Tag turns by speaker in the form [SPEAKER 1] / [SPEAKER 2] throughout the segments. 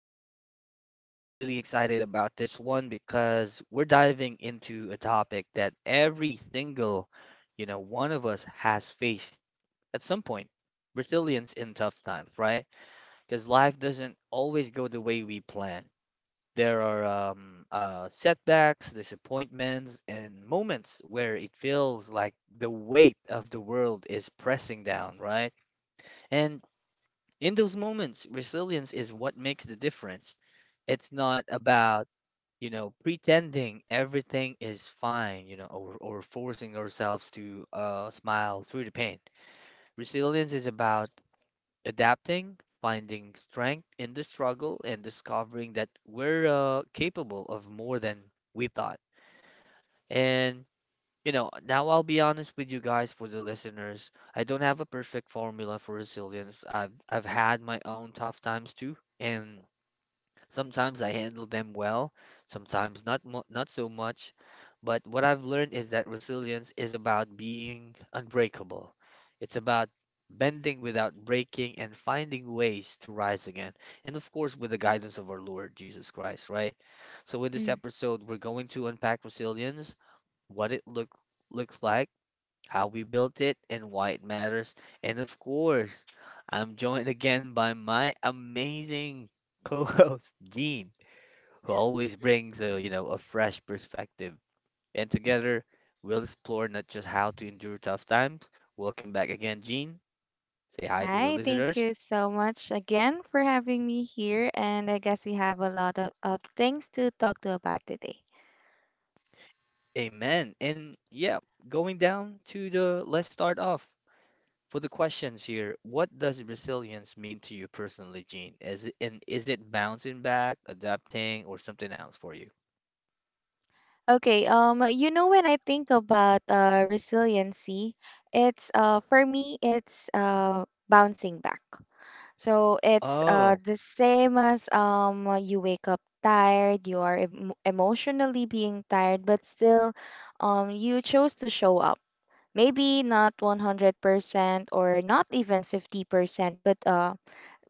[SPEAKER 1] episode. And I'm really excited about this one because we're diving into a topic that every single, one of us has faced at some point. Resilience in tough times, right? Because life doesn't always go the way we plan. There are setbacks, disappointments, and moments where it feels like the weight of the world is pressing down, right? And in those moments, resilience is what makes the difference. It's not about, pretending everything is fine, or forcing ourselves to smile through the pain. Resilience is about adapting, finding strength in the struggle, and discovering that we're capable of more than we thought. And now I'll be honest with you guys for the listeners. I don't have a perfect formula for resilience. I've had my own tough times too, and sometimes I handle them well, sometimes not so much. But what I've learned is that resilience is about being unbreakable. It's about bending without breaking and finding ways to rise again. And of course, with the guidance of our Lord Jesus Christ, right? So in this
[SPEAKER 2] Mm.
[SPEAKER 1] episode, we're going to unpack resilience, what it looks like, how we built it, and why it matters. And of course, I'm joined again by my amazing co-host Gene, who always brings a fresh perspective. And together, we'll explore not just how to endure tough times. Welcome back again, Gene. Say hi to the
[SPEAKER 2] Hi, thank
[SPEAKER 1] listeners.
[SPEAKER 2] you so much again for having me here, and I guess we have a lot of things to talk to about today.
[SPEAKER 1] Amen. And yeah, going down to the let's start off. For the questions here, what does resilience mean to you personally, Gene? Is it bouncing back, adapting, or something else for you?
[SPEAKER 2] Okay, you know, when I think about resiliency, it's for me it's bouncing back. So it's
[SPEAKER 1] Oh,
[SPEAKER 2] the same as you wake up tired, you are emotionally being tired, but still you chose to show up maybe not 100% or not even 50%, but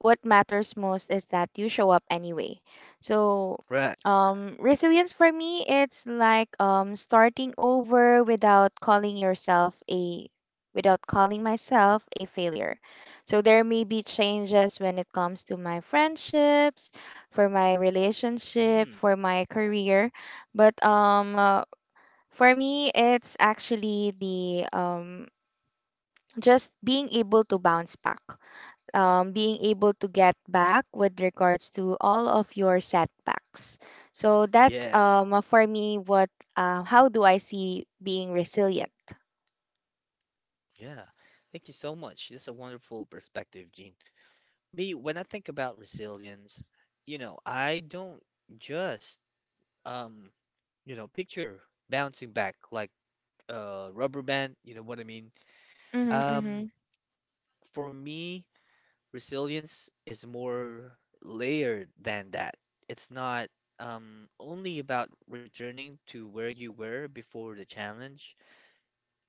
[SPEAKER 2] what matters most is that you show up anyway. So,
[SPEAKER 1] right.
[SPEAKER 2] resilience for me, it's like starting over without calling yourself a without calling myself a failure. So there may be changes when it comes to my friendships, for my relationship,
[SPEAKER 1] Mm,
[SPEAKER 2] for my career, but for me, it's actually the just being able to bounce back, being able to get back with regards to all of your setbacks. So that's
[SPEAKER 1] yeah,
[SPEAKER 2] for me what how do I see being resilient?
[SPEAKER 1] yeah. Thank you so much. That's a wonderful perspective, Gene. Me, when I think about resilience, you know, I don't just um, picture bouncing back like a rubber band, you know what I mean?
[SPEAKER 2] Mhm,
[SPEAKER 1] Um,
[SPEAKER 2] mhm,
[SPEAKER 1] for me, resilience is more layered than that. It's not only about returning to where you were before the challenge.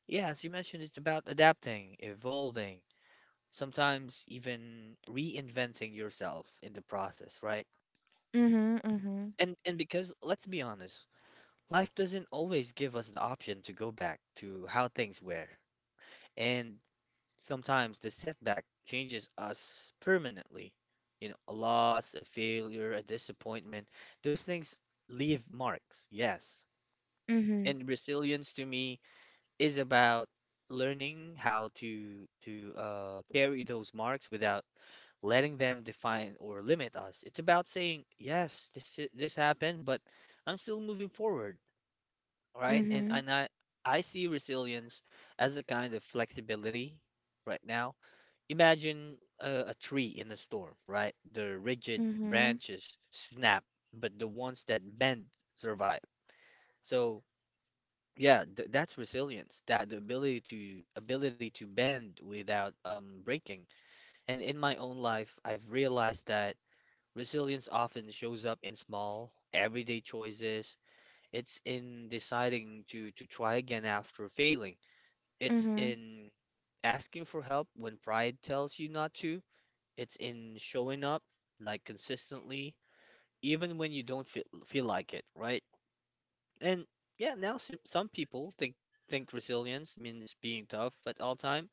[SPEAKER 1] Yeah, as you mentioned, it's about adapting, evolving, sometimes even reinventing yourself in the process, right?
[SPEAKER 2] mhm, mhm,
[SPEAKER 1] And because let's be honest, life doesn't always give us the option to go back to how things were. And sometimes the setback changes us permanently. You know, a loss, a failure, a disappointment, those things leave marks, yes.
[SPEAKER 2] mhm,
[SPEAKER 1] And resilience to me is about learning how to carry those marks without letting them define or limit us. It's about saying, yes, this happened, but I'm still moving forward, right? And
[SPEAKER 2] mhm,
[SPEAKER 1] and I I see resilience as a kind of flexibility right now. Imagine a tree in a storm, right? The rigid
[SPEAKER 2] mhm,
[SPEAKER 1] branches snap, but the ones that bend survive. So yeah, th that's resilience. That the ability to ability to bend without breaking. And in my own life, I've realized that resilience often shows up in small, everyday choices. It's in deciding to try again after failing. It's
[SPEAKER 2] mhm.
[SPEAKER 1] in asking for help when pride tells you not to. It's in showing up like consistently, even when you don't feel like it, right? And yeah, now some people think resilience means being tough at all time.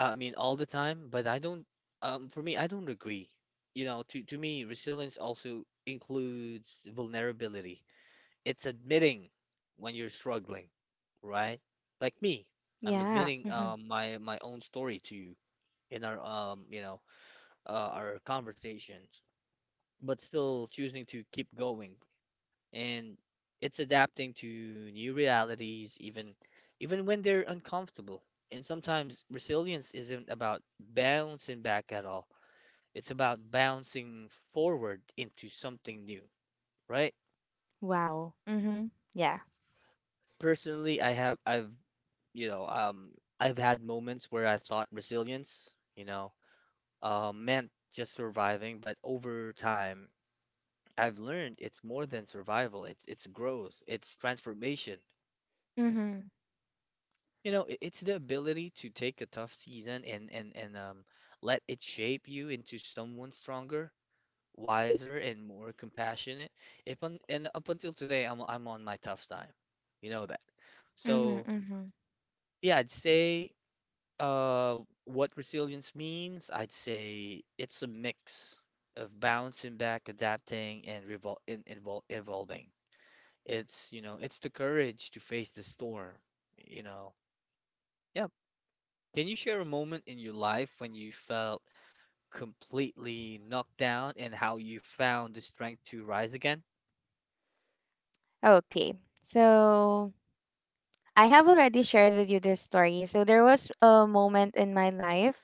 [SPEAKER 1] I mean, all the time, but I don't. For me, I don't agree. You know, to me, resilience also includes vulnerability. It's admitting when you're struggling, right? Like me, I'm
[SPEAKER 2] Yeah.
[SPEAKER 1] admitting
[SPEAKER 2] Mhm.
[SPEAKER 1] my own story to you in our our conversations, but still choosing to keep going. And it's adapting to new realities even when they're uncomfortable. And sometimes resilience isn't about bouncing back at all. It's about bouncing forward into something new, right?
[SPEAKER 2] Wow. Mhm. Yeah.
[SPEAKER 1] Personally, I've you know, um I've had moments where I thought resilience, meant just surviving, but over time I've learned it's more than survival. It's growth, it's transformation.
[SPEAKER 2] Mhm.
[SPEAKER 1] It's the ability to take a tough season and let it shape you into someone stronger, wiser, and more compassionate. If un and up until today, I'm on my tough time. You know that.
[SPEAKER 2] Mhm.
[SPEAKER 1] So
[SPEAKER 2] Mhm.
[SPEAKER 1] yeah, I'd say what resilience means, I'd say it's a mix of bouncing back, adapting, and revol and evol evolving. It's the courage to face the storm, you know. Yeah. Can you share a moment in your life when you felt completely knocked down and how you found the strength to rise again?
[SPEAKER 2] Okay. So, I have already shared with you this story. So there was a moment in my life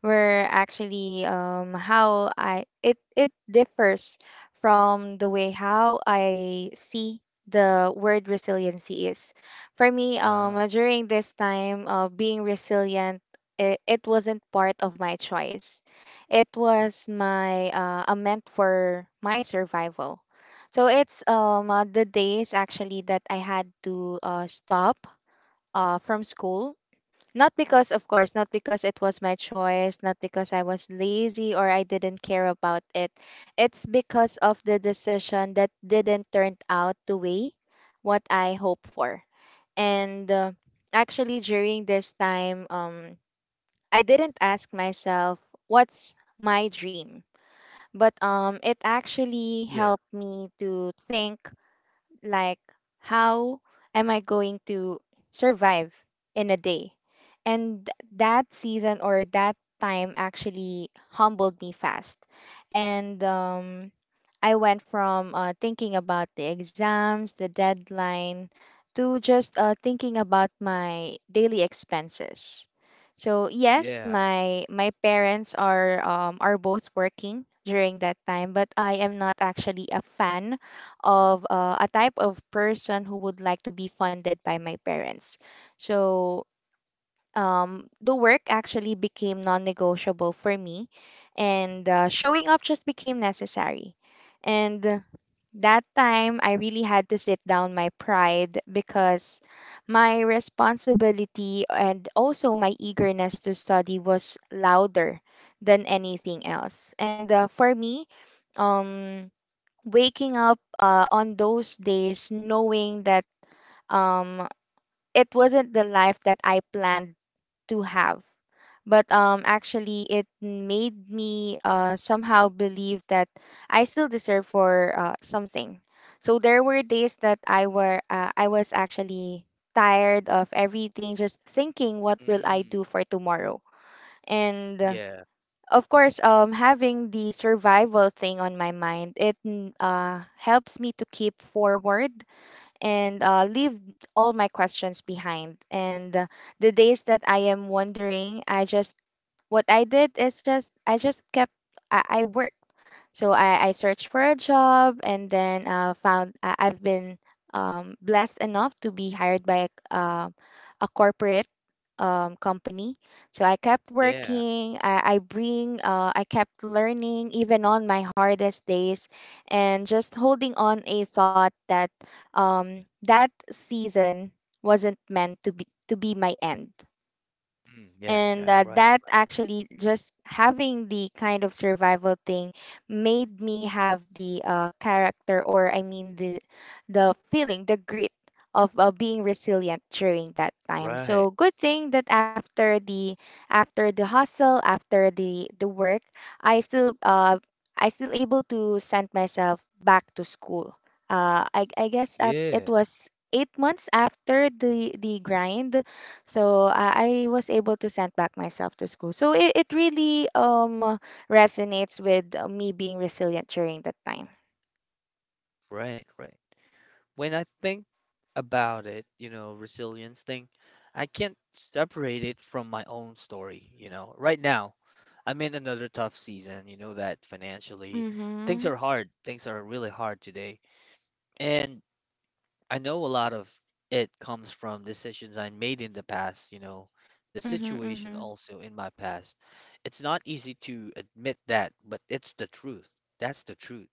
[SPEAKER 2] where actually how I it it differs from the way how I see the word resiliency is. For me,
[SPEAKER 1] Ah.
[SPEAKER 2] during this time of being resilient, it wasn't part of my choice. It was my a meant for my survival. So it's the days actually that I had to stop from school. Not because, of course, not because it was my choice, not because I was lazy or I didn't care about it. It's because of the decision that didn't turn out the way what I hoped for. And actually, during this time, I didn't ask myself, what's my dream? But it actually
[SPEAKER 1] Yeah,
[SPEAKER 2] helped me to think like, how am I going to survive in a day? And that season or that time actually humbled me fast. And I went from thinking about the exams, the deadline, to just thinking about my daily expenses. So yes,
[SPEAKER 1] yeah.
[SPEAKER 2] my parents are both working during that time, but I am not actually a fan of a type of person who would like to be funded by my parents. So the work actually became non negotiable for me, and showing up just became necessary. And that time, I really had to sit down my pride because my responsibility and also my eagerness to study was louder than anything else. And for me, um, waking up on those days knowing that um, it wasn't the life that I planned to have, but actually it made me somehow believe that I still deserve for something. So there were days that I was actually tired of everything, just thinking what will I
[SPEAKER 1] Mm,
[SPEAKER 2] do for tomorrow. And
[SPEAKER 1] yeah,
[SPEAKER 2] of course, having the survival thing on my mind, it helps me to keep forward and leave all my questions behind. And the days that I am wondering, I just what I did is just I just kept I work. So I searched for a job, and then I've been blessed enough to be hired by a corporate company. So I kept
[SPEAKER 1] yeah.
[SPEAKER 2] working. I bring. I kept learning even on my hardest days, and just holding on a thought that that season wasn't meant to be my end,
[SPEAKER 1] Mm, yeah,
[SPEAKER 2] and
[SPEAKER 1] yeah. Right,
[SPEAKER 2] that actually just having the kind of survival thing made me have the character or I mean the feeling, the grit of being resilient during that time.
[SPEAKER 1] right,
[SPEAKER 2] So good thing that after the hustle, after the work, i still uh I still able to send myself back to school. I guess it
[SPEAKER 1] yeah,
[SPEAKER 2] was 8 months after the grind, so I was able to send back myself to school. So it really resonates with me being resilient during that time.
[SPEAKER 1] right, right. When I think about it, you know, resilience thing, I can't separate it from my own story. Right now, I'm in another tough season, you know that financially, things are
[SPEAKER 2] Mhm.
[SPEAKER 1] hard, things are really hard today. And I know a lot of it comes from decisions I made in the past, the
[SPEAKER 2] Mhm.
[SPEAKER 1] situation
[SPEAKER 2] Mhm.
[SPEAKER 1] also in my past. It's not easy to admit that, but it's the truth. That's the truth.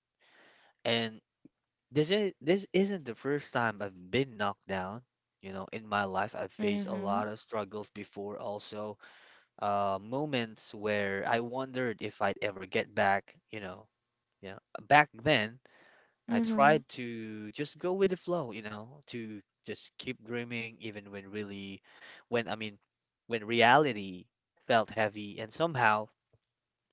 [SPEAKER 1] And this isn't the first time I've been knocked down. You know, in my life, I've faced a
[SPEAKER 2] Mhm.
[SPEAKER 1] lot of struggles before, also moments where I wondered if I'd ever get back. Yeah. Back then, I
[SPEAKER 2] Mhm.
[SPEAKER 1] tried to just go with the flow, to just keep dreaming even when I mean when reality felt heavy, and somehow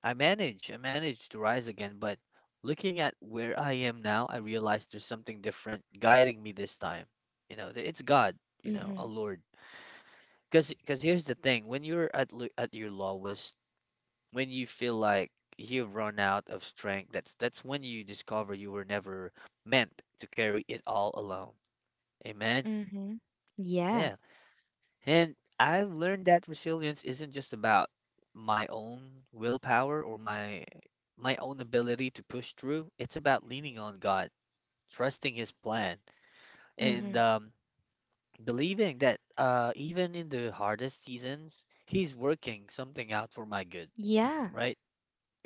[SPEAKER 1] I managed to rise again, but looking at where I am now, I realized there's something different guiding me this time. It's God, a
[SPEAKER 2] Mhm.
[SPEAKER 1] Lord. Cause here's the thing, when you're at your lowest, when you feel like you've run out of strength, that's when you discover you were never meant to carry it all alone. Amen.
[SPEAKER 2] Mhm. Yeah.
[SPEAKER 1] Yeah. And I've learned that resilience isn't just about my own willpower or my own ability to push through. It's about leaning on God, trusting His plan, and
[SPEAKER 2] Mhm.
[SPEAKER 1] believing that even in the hardest seasons, He's working something out for my good,
[SPEAKER 2] Yeah.
[SPEAKER 1] right?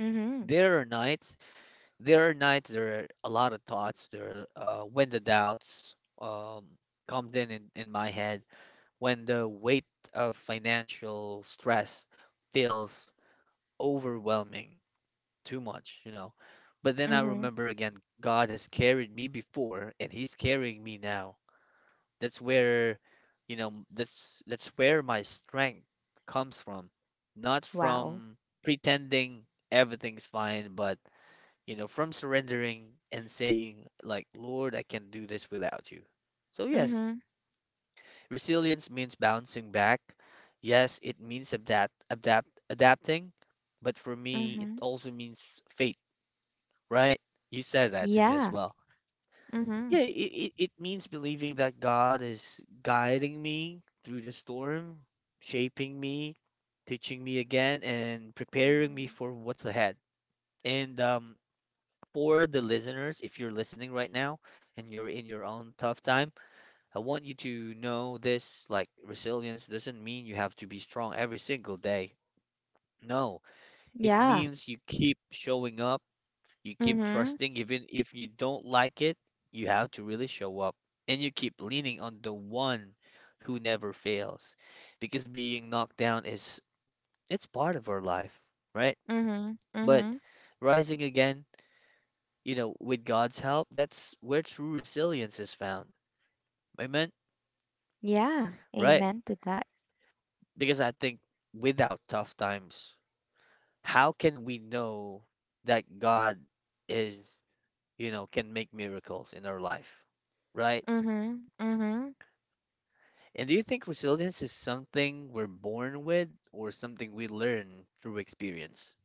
[SPEAKER 2] Mhm.
[SPEAKER 1] There are nights there are nights. There are a lot of thoughts, when the doubts um, comes in, in my head, when the weight of financial stress feels overwhelming, too much, but then I
[SPEAKER 2] Mhm.
[SPEAKER 1] remember again, God has carried me before, and He's carrying me now. That's where, that's where my strength comes from, not
[SPEAKER 2] Wow.
[SPEAKER 1] from pretending everything's fine, but, from surrendering and saying, like, Lord, I can't do this without you. So, yes,
[SPEAKER 2] Mhm.
[SPEAKER 1] resilience means bouncing back. Yes, it means adapting. But for me, it
[SPEAKER 2] Mhm.
[SPEAKER 1] also means faith, right? You said that to me as
[SPEAKER 2] Yeah.
[SPEAKER 1] well. Yeah,
[SPEAKER 2] Mhm.
[SPEAKER 1] it means believing that God is guiding me through the storm, shaping me, teaching me again, and preparing me
[SPEAKER 2] Mhm.
[SPEAKER 1] for what's ahead. And for the listeners, if you're listening right now and you're in your own tough time, I want you to know this, like, resilience doesn't mean you have to be strong every single day. No, it
[SPEAKER 2] Yeah.
[SPEAKER 1] means you keep showing up, you keep
[SPEAKER 2] Mhm.
[SPEAKER 1] trusting, even if you don't like it, you have to really show up. And you keep leaning on the one who never fails. Because being knocked down is it's part of our life, right?
[SPEAKER 2] Mhm.
[SPEAKER 1] But
[SPEAKER 2] Mhm.
[SPEAKER 1] rising again, with God's help, that's where true resilience is found. Amen?
[SPEAKER 2] Yeah.
[SPEAKER 1] Right?
[SPEAKER 2] Amen to that.
[SPEAKER 1] Because I think without tough times, how can we know that God is, can make miracles in our life? Right?
[SPEAKER 2] Mhm. Mhm.
[SPEAKER 1] And do you think resilience is something we're born with or something we learn through experience?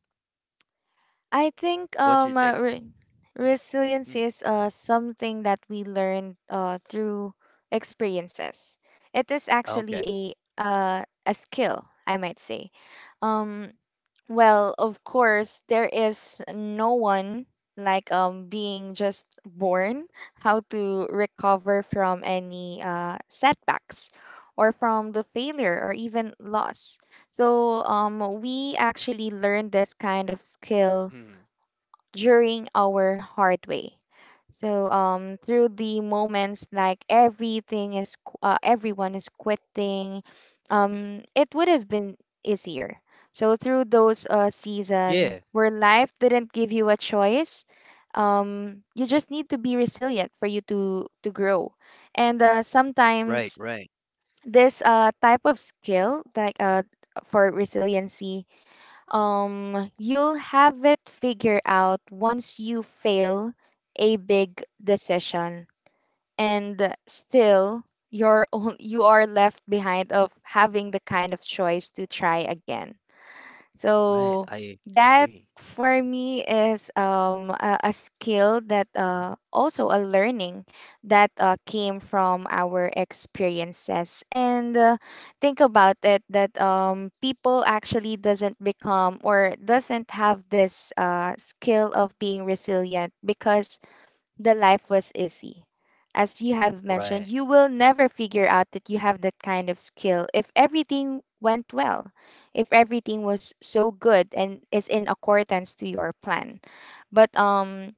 [SPEAKER 2] I think
[SPEAKER 1] What's your take?
[SPEAKER 2] resilience
[SPEAKER 1] Mm,
[SPEAKER 2] is something that we learn through experiences. It is actually
[SPEAKER 1] okay.
[SPEAKER 2] a skill, I might say. Um well, of course, there is no one like being just born how to recover from any setbacks or from the failure or even loss. So we actually learn this kind of skill
[SPEAKER 1] Mm,
[SPEAKER 2] during our hard way. So through the moments like everything is everyone is quitting, it would have been easier. So through those season
[SPEAKER 1] yeah.
[SPEAKER 2] where life didn't give you a choice, you just need to be resilient for you to grow. And
[SPEAKER 1] Right,
[SPEAKER 2] sometimes
[SPEAKER 1] right,
[SPEAKER 2] this type of skill, like for resiliency, you'll have it figured out once you fail a big decision, and still you're on, you are left behind of having the kind of choice to try again.
[SPEAKER 1] right.
[SPEAKER 2] So
[SPEAKER 1] I
[SPEAKER 2] that
[SPEAKER 1] agree.
[SPEAKER 2] for me is a skill that also a learning that came from our experiences. And think about it that people actually doesn't become or doesn't have this skill of being resilient because the life was easy. As you have mentioned,
[SPEAKER 1] Right.
[SPEAKER 2] you will never figure out that you have that kind of skill if everything went well, if everything was so good and is in accordance to your plan. But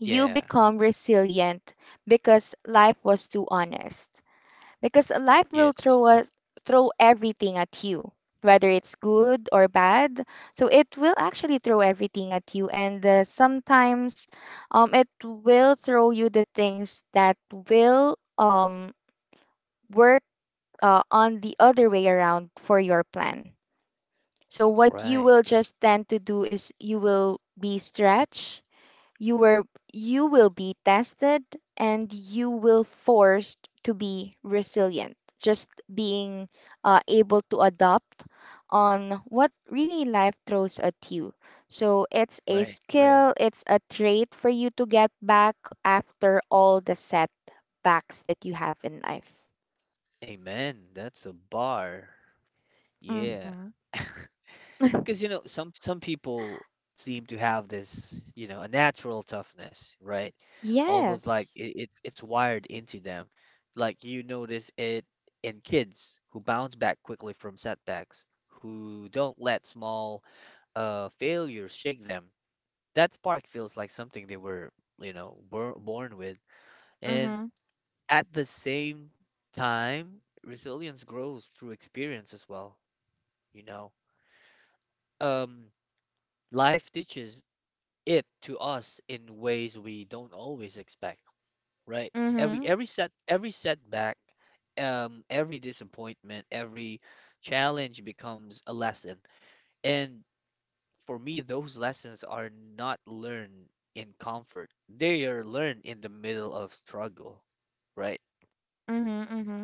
[SPEAKER 2] you
[SPEAKER 1] Yeah.
[SPEAKER 2] become resilient because life was too honest, because life will
[SPEAKER 1] Yes.
[SPEAKER 2] throw everything at you, whether it's good or bad. So it will actually throw everything at you, and sometimes it will throw you the things that will work on the other way around for your plan. So what you
[SPEAKER 1] Right.
[SPEAKER 2] will just tend to do is you will be stretched, you were you will be tested, and you will forced to be resilient. Just being able to adapt on what really life throws at you. So it's a
[SPEAKER 1] Right, right.
[SPEAKER 2] skill, it's a trait for you to get back after all the setbacks that you have in life.
[SPEAKER 1] Amen. That's a bar. Yeah.
[SPEAKER 2] Mm-hmm.
[SPEAKER 1] Because some people seem to have this, a natural toughness, right? Almost like
[SPEAKER 2] Yes.
[SPEAKER 1] it's wired into them. Like you notice it in kids who bounce back quickly from setbacks, who don't let small failures shake them. That spark feels like something they were, born with. And
[SPEAKER 2] Mm-hmm.
[SPEAKER 1] at the same time, resilience grows through experience as well, you know. Um, Life teaches it to us in ways we don't always expect, right? Every
[SPEAKER 2] Mm-hmm.
[SPEAKER 1] every set every setback, every disappointment, every challenge becomes a lesson. And for me, those lessons are not learned in comfort. They are learned in the middle of struggle, right?
[SPEAKER 2] Mm-hmm. Mm-hmm.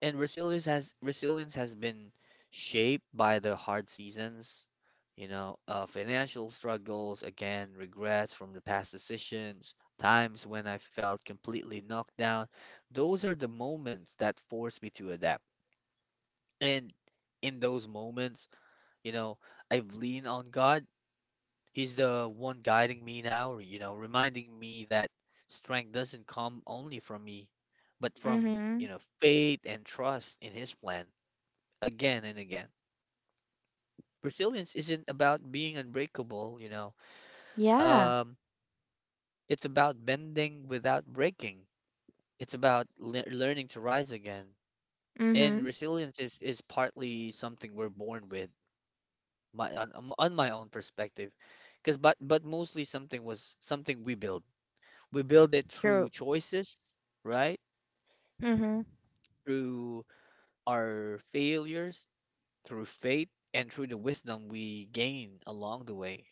[SPEAKER 1] And resilience has been shaped by the hard seasons, financial struggles, again, regrets from the past decisions, times when I felt completely knocked down. Those are the moments that force me to adapt. And in those moments, you know, I've leaned on God. He's the one guiding me now, you know, reminding me that strength doesn't come only from me, but from,
[SPEAKER 2] Mm-hmm.
[SPEAKER 1] you know, faith and trust in His plan again and again. Resilience isn't about being unbreakable, you know.
[SPEAKER 2] Yeah.
[SPEAKER 1] Um, it's about bending without breaking. It's about learning to rise again. And
[SPEAKER 2] Mm-hmm.
[SPEAKER 1] resilience is partly something we're born with, my on my own perspective, because but mostly something we build. We build it through
[SPEAKER 2] True.
[SPEAKER 1] choices, right?
[SPEAKER 2] Mm-hmm.
[SPEAKER 1] Through our failures, through faith and through the wisdom we gain along the way.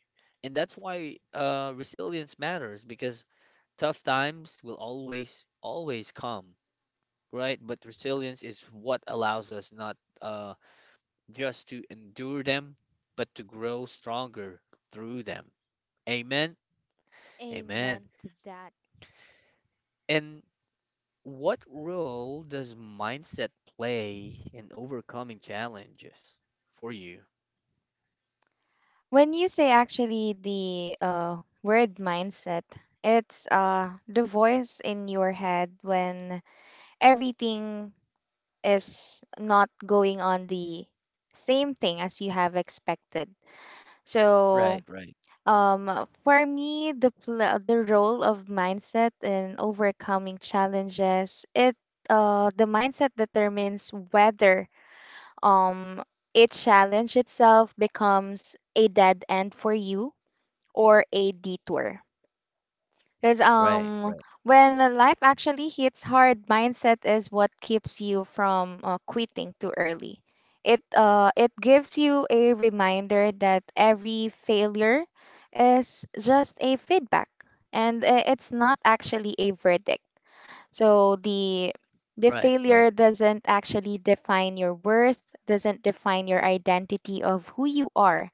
[SPEAKER 1] And that's why resilience matters because tough times will always, always come, right? But resilience is what allows us not just to endure them, but to grow stronger through them. Amen. Amen.
[SPEAKER 2] Amen to that.
[SPEAKER 1] And what role does mindset play in overcoming challenges for you?
[SPEAKER 2] When you say actually the word mindset, it's the voice in your head when everything is not going on the same thing as you have expected. So,
[SPEAKER 1] Right, right,
[SPEAKER 2] for me, the role of mindset in overcoming challenges, it the mindset determines whether um, each challenge itself becomes a dead end for you or a detour. Because
[SPEAKER 1] right, right,
[SPEAKER 2] when life actually hits hard, mindset is what keeps you from quitting too early. It gives you a reminder that every failure is just a feedback, and it's not actually a verdict. So the
[SPEAKER 1] right,
[SPEAKER 2] failure
[SPEAKER 1] right.
[SPEAKER 2] doesn't actually define your worth, doesn't define your identity of who you are.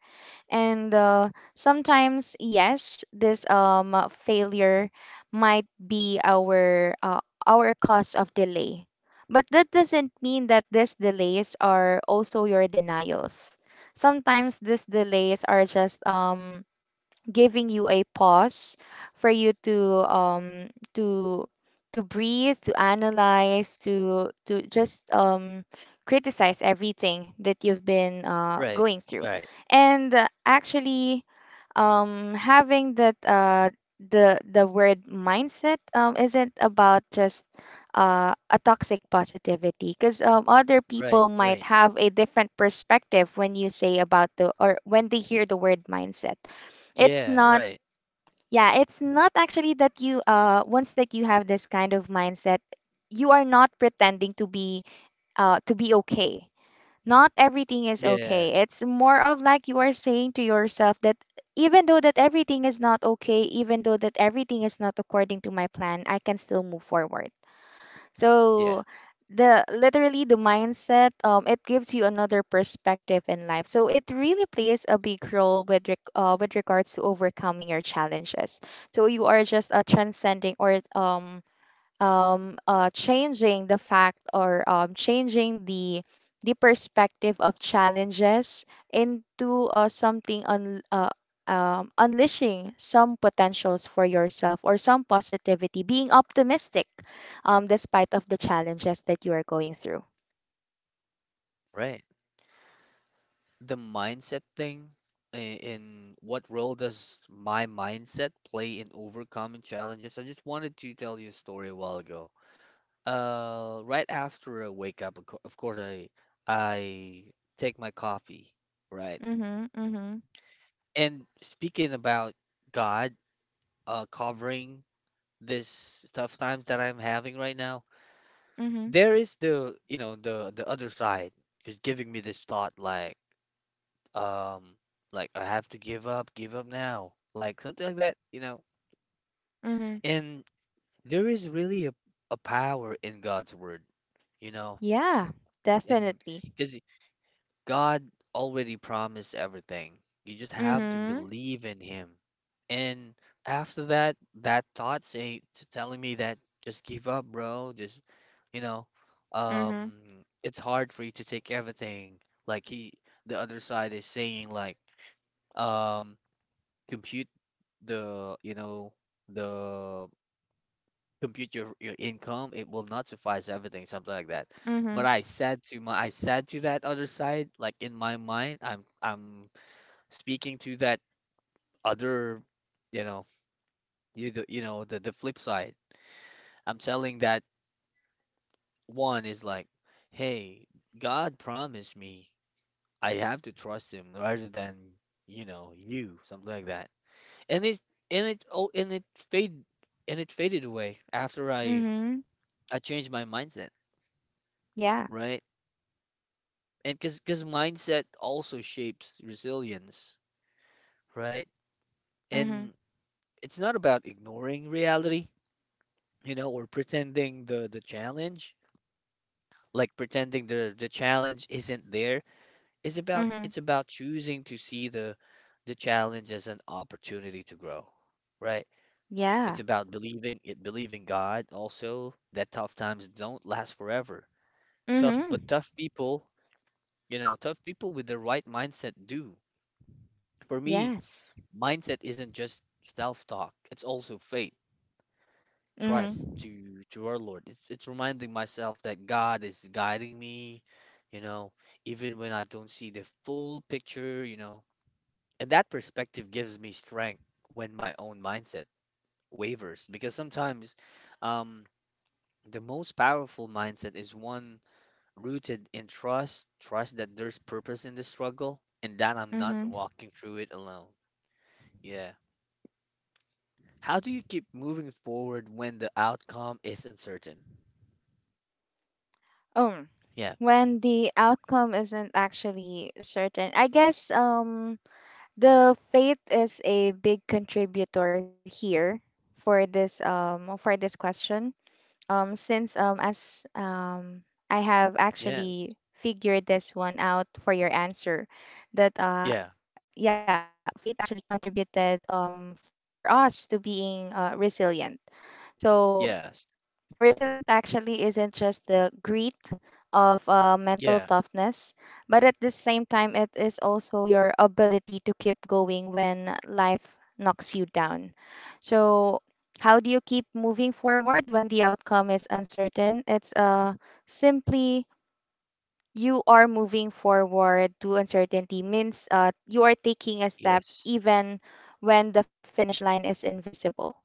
[SPEAKER 2] And sometimes, yes, this failure might be our cause of delay. But that doesn't mean that these delays are also your denials. Sometimes these delays are just giving you a pause for you to to to breathe, to analyze, to just criticize everything that you've been
[SPEAKER 1] Right,
[SPEAKER 2] going through.
[SPEAKER 1] right,
[SPEAKER 2] And actually, having that the word mindset isn't about just a toxic positivity, because other
[SPEAKER 1] right,
[SPEAKER 2] people might
[SPEAKER 1] right.
[SPEAKER 2] have a different perspective when you say about the, or when they hear the word mindset. It's
[SPEAKER 1] Yeah,
[SPEAKER 2] not,
[SPEAKER 1] right.
[SPEAKER 2] yeah, it's not actually that you once that you have this kind of mindset, you are not pretending to be okay, not everything is
[SPEAKER 1] Yeah,
[SPEAKER 2] okay. It's more of like you are saying to yourself that even though that everything is not okay, even though that everything is not according to my plan, I can still move forward.
[SPEAKER 1] yeah,
[SPEAKER 2] So the literally the mindset, it gives you another perspective in life. So it really plays a big role with reg with regards to overcoming your challenges. So you are just transcending or changing the fact, or changing the perspective of challenges into unleashing some potentials for yourself or some positivity, being optimistic despite of the challenges that you are going through.
[SPEAKER 1] right. The mindset thing, in what role does my mindset play in overcoming challenges? I just wanted to tell you a story a while ago. Right after I wake up, of course, I take my coffee, right?
[SPEAKER 2] Mhm, mhm,
[SPEAKER 1] And speaking about God, covering this tough times that I'm having right now,
[SPEAKER 2] mhm,
[SPEAKER 1] there is the, you know, the other side is giving me this thought um, like I have to give up now, like something like that, you know.
[SPEAKER 2] mhm.
[SPEAKER 1] And there is really a power in God's word, you know,
[SPEAKER 2] Yeah,
[SPEAKER 1] and
[SPEAKER 2] definitely.
[SPEAKER 1] because God already promised everything. You just have to
[SPEAKER 2] Mhm,
[SPEAKER 1] believe in him. And after that, that thought say telling me that just give up, bro. Just, you know,
[SPEAKER 2] mhm,
[SPEAKER 1] um, it's hard for you to take everything. Like he, the other side is saying like, um, compute the, you know, the compute your income, it will not suffice everything, something like that. But
[SPEAKER 2] mhm,
[SPEAKER 1] I said to that other side, like in my mind, I'm speaking to that other, you know, you the, you know the flip side. I'm telling that one is like, hey, God promised me I have to trust Him rather than you know you, something like that. And it and it oh and it fade and it faded away after I
[SPEAKER 2] mhm.
[SPEAKER 1] I changed my mindset,
[SPEAKER 2] Yeah.
[SPEAKER 1] right? And because mindset also shapes resilience, right?
[SPEAKER 2] Mhm,
[SPEAKER 1] And it's not about ignoring reality, you know, or pretending the challenge, like pretending the challenge isn't there. it's about
[SPEAKER 2] mhm.
[SPEAKER 1] it's about choosing to see the challenge as an opportunity to grow, right? It's
[SPEAKER 2] Yeah.
[SPEAKER 1] about believing it, believing God also that tough times don't last forever.
[SPEAKER 2] Mhm.
[SPEAKER 1] Tough people, you know, tough people with the right mindset do. For me,
[SPEAKER 2] Yes.
[SPEAKER 1] mindset isn't just self-talk. It's also faith, trust
[SPEAKER 2] Mhm.
[SPEAKER 1] to our Lord. It's reminding myself that God is guiding me, you know, even when I don't see the full picture, you know. And that perspective gives me strength when my own mindset wavers, because sometimes um the most powerful mindset is one rooted in trust, trust that there's purpose in the struggle and that I'm not
[SPEAKER 2] Mhm.
[SPEAKER 1] walking through it alone. Yeah. How do you keep moving forward when the outcome is uncertain?
[SPEAKER 2] Um,
[SPEAKER 1] Yeah,
[SPEAKER 2] when the outcome isn't actually certain, I guess the faith is a big contributor here for this question. Since as I have
[SPEAKER 1] yeah,
[SPEAKER 2] actually figured this one out for your answer, that uh
[SPEAKER 1] yeah,
[SPEAKER 2] yeah, faith actually contributed for us to being resilient. So
[SPEAKER 1] yes,
[SPEAKER 2] Resilient actually isn't just the grit of mental
[SPEAKER 1] yeah,
[SPEAKER 2] toughness, but at the same time, it is also your ability to keep going when life knocks you down. So, how do you keep moving forward when the outcome is uncertain? It's simply you are moving forward to uncertainty, means you are taking a step
[SPEAKER 1] yes,
[SPEAKER 2] even when the finish line is invisible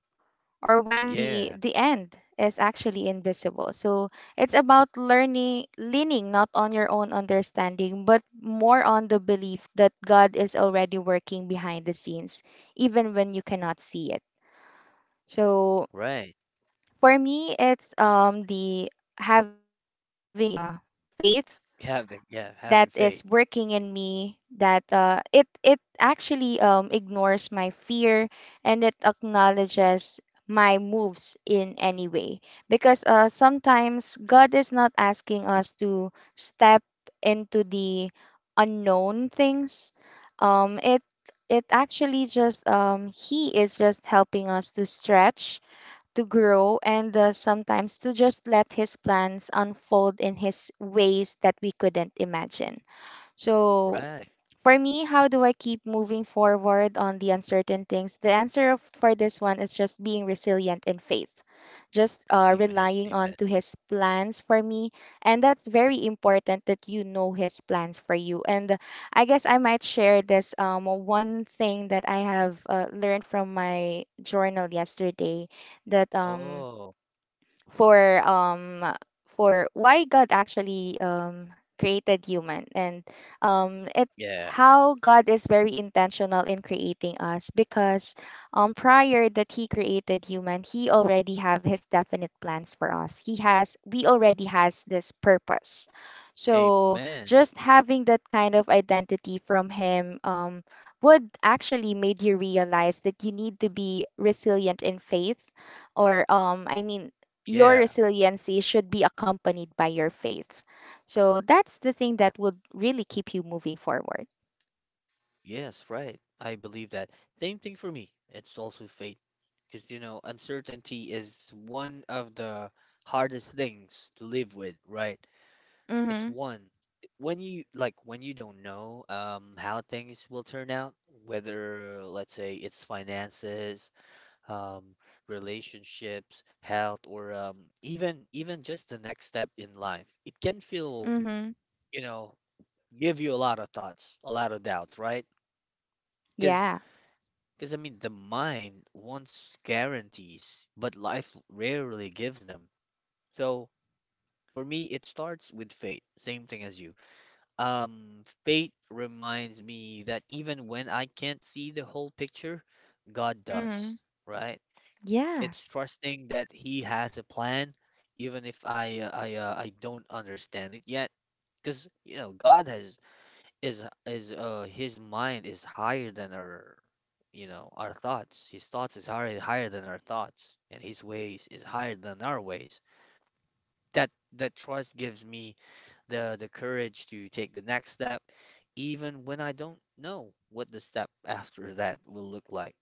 [SPEAKER 2] or when the
[SPEAKER 1] yeah,
[SPEAKER 2] the end is actually invisible. So it's about learning leaning not on your own understanding but more on the belief that God is already working behind the scenes even when you cannot see it. So
[SPEAKER 1] right.
[SPEAKER 2] for me it's the having the faith
[SPEAKER 1] Having, yeah,
[SPEAKER 2] that
[SPEAKER 1] having
[SPEAKER 2] is
[SPEAKER 1] faith,
[SPEAKER 2] working in me that it actually ignores my fear and it acknowledges my moves in any way because sometimes god is not asking us to step into the unknown things um, it it actually just he is just helping us to stretch to grow and sometimes to just let his plans unfold in his ways that we couldn't imagine. So,
[SPEAKER 1] right.
[SPEAKER 2] for me, how do I keep moving forward on the uncertain things? The answer of, for this one is just being resilient in faith, just
[SPEAKER 1] Amen,
[SPEAKER 2] relying on
[SPEAKER 1] amen.
[SPEAKER 2] to His plans for me, and that's very important that you know His plans for you. And I guess I might share this one thing that I have learned from my journal yesterday that
[SPEAKER 1] Oh,
[SPEAKER 2] for um for why God actually created human and it
[SPEAKER 1] yeah,
[SPEAKER 2] how God is very intentional in creating us because prior that he created human he already have his definite plans for us he has we already has this purpose so
[SPEAKER 1] amen.
[SPEAKER 2] just having that kind of identity from him would actually made you realize that you need to be resilient in faith or I mean your
[SPEAKER 1] Yeah,
[SPEAKER 2] resiliency should be accompanied by your faith. So that's the thing that would really keep you moving forward.
[SPEAKER 1] yes, right. I believe that. Same thing for me. It's also faith. Because, you know, uncertainty is one of the hardest things to live with, right? It's
[SPEAKER 2] Mm-hmm.
[SPEAKER 1] one. When you like when you don't know how things will turn out, whether let's say it's finances, um relationships, health, or even even just the next step in life, it can feel,
[SPEAKER 2] Mm-hmm.
[SPEAKER 1] you know, give you a lot of thoughts, a lot of doubts, right? Because
[SPEAKER 2] Yeah.
[SPEAKER 1] because I mean the mind wants guarantees, but life rarely gives them. So for me, it starts with faith, same thing as you. Faith reminds me that even when I can't see the whole picture, God
[SPEAKER 2] Mm-hmm.
[SPEAKER 1] does, right?
[SPEAKER 2] Yeah.
[SPEAKER 1] It's trusting that He has a plan, even if I don't understand it yet, because you know God has is His mind is higher than our, you know, our thoughts. His thoughts is higher higher than our thoughts, and His ways is higher than our ways. That that trust gives me the courage to take the next step, even when I don't know what the step after that will look like.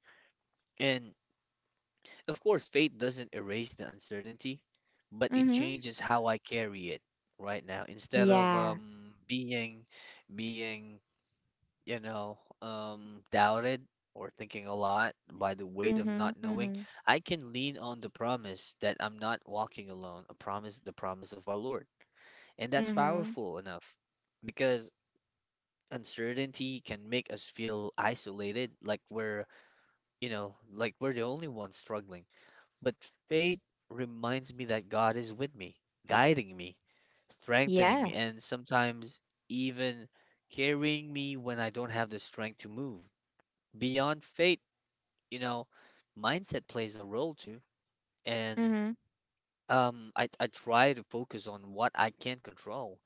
[SPEAKER 1] And of course, faith doesn't erase the uncertainty, but it
[SPEAKER 2] Mm-hmm.
[SPEAKER 1] changes how I carry it right now. Instead of
[SPEAKER 2] Yeah.
[SPEAKER 1] being, you know, doubted or thinking a lot by the weight of
[SPEAKER 2] Mm-hmm.
[SPEAKER 1] not knowing,
[SPEAKER 2] Mm-hmm.
[SPEAKER 1] I can lean on the promise that I'm not walking alone, a promise the promise of our Lord. And that's
[SPEAKER 2] Mm-hmm.
[SPEAKER 1] powerful enough, because uncertainty can make us feel isolated, like we're, you know, like we're the only ones struggling. But faith reminds me that God is with me, guiding me, strengthening
[SPEAKER 2] Yeah.
[SPEAKER 1] me, and sometimes even carrying me when I don't have the strength to move. Beyond faith, you know, mindset plays a role too. And
[SPEAKER 2] Mm-hmm.
[SPEAKER 1] I try to focus on what I can control,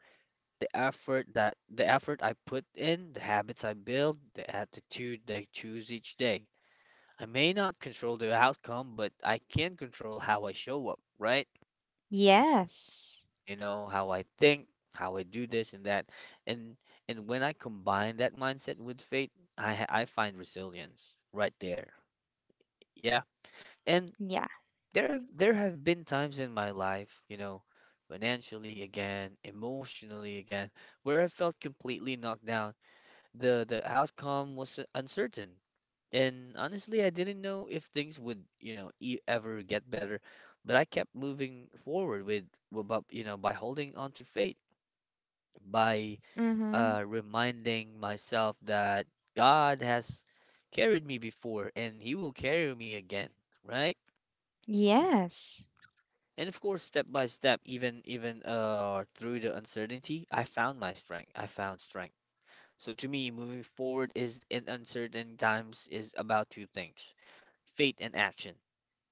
[SPEAKER 1] the effort I put in, the habits I build, the attitude I choose each day. I may not control the outcome, but I can control how I show up, right?
[SPEAKER 2] Yes.
[SPEAKER 1] You know, how I think, how I do this and that. And and when I combine that mindset with faith, I find resilience right there. Yeah. And
[SPEAKER 2] Yeah.
[SPEAKER 1] there have been times in my life, you know, financially again, emotionally again, where I felt completely knocked down. The outcome was uncertain, and honestly, I didn't know if things would, you know, e ever get better, but I kept moving forward with you know, by holding on to faith, by
[SPEAKER 2] Mm-hmm.
[SPEAKER 1] reminding myself that God has carried me before and he will carry me again, right?
[SPEAKER 2] Yes.
[SPEAKER 1] And of course, step by step, even even through the uncertainty, I found my strength. I found strength. So to me, moving forward is in uncertain times is about two things. Faith and action,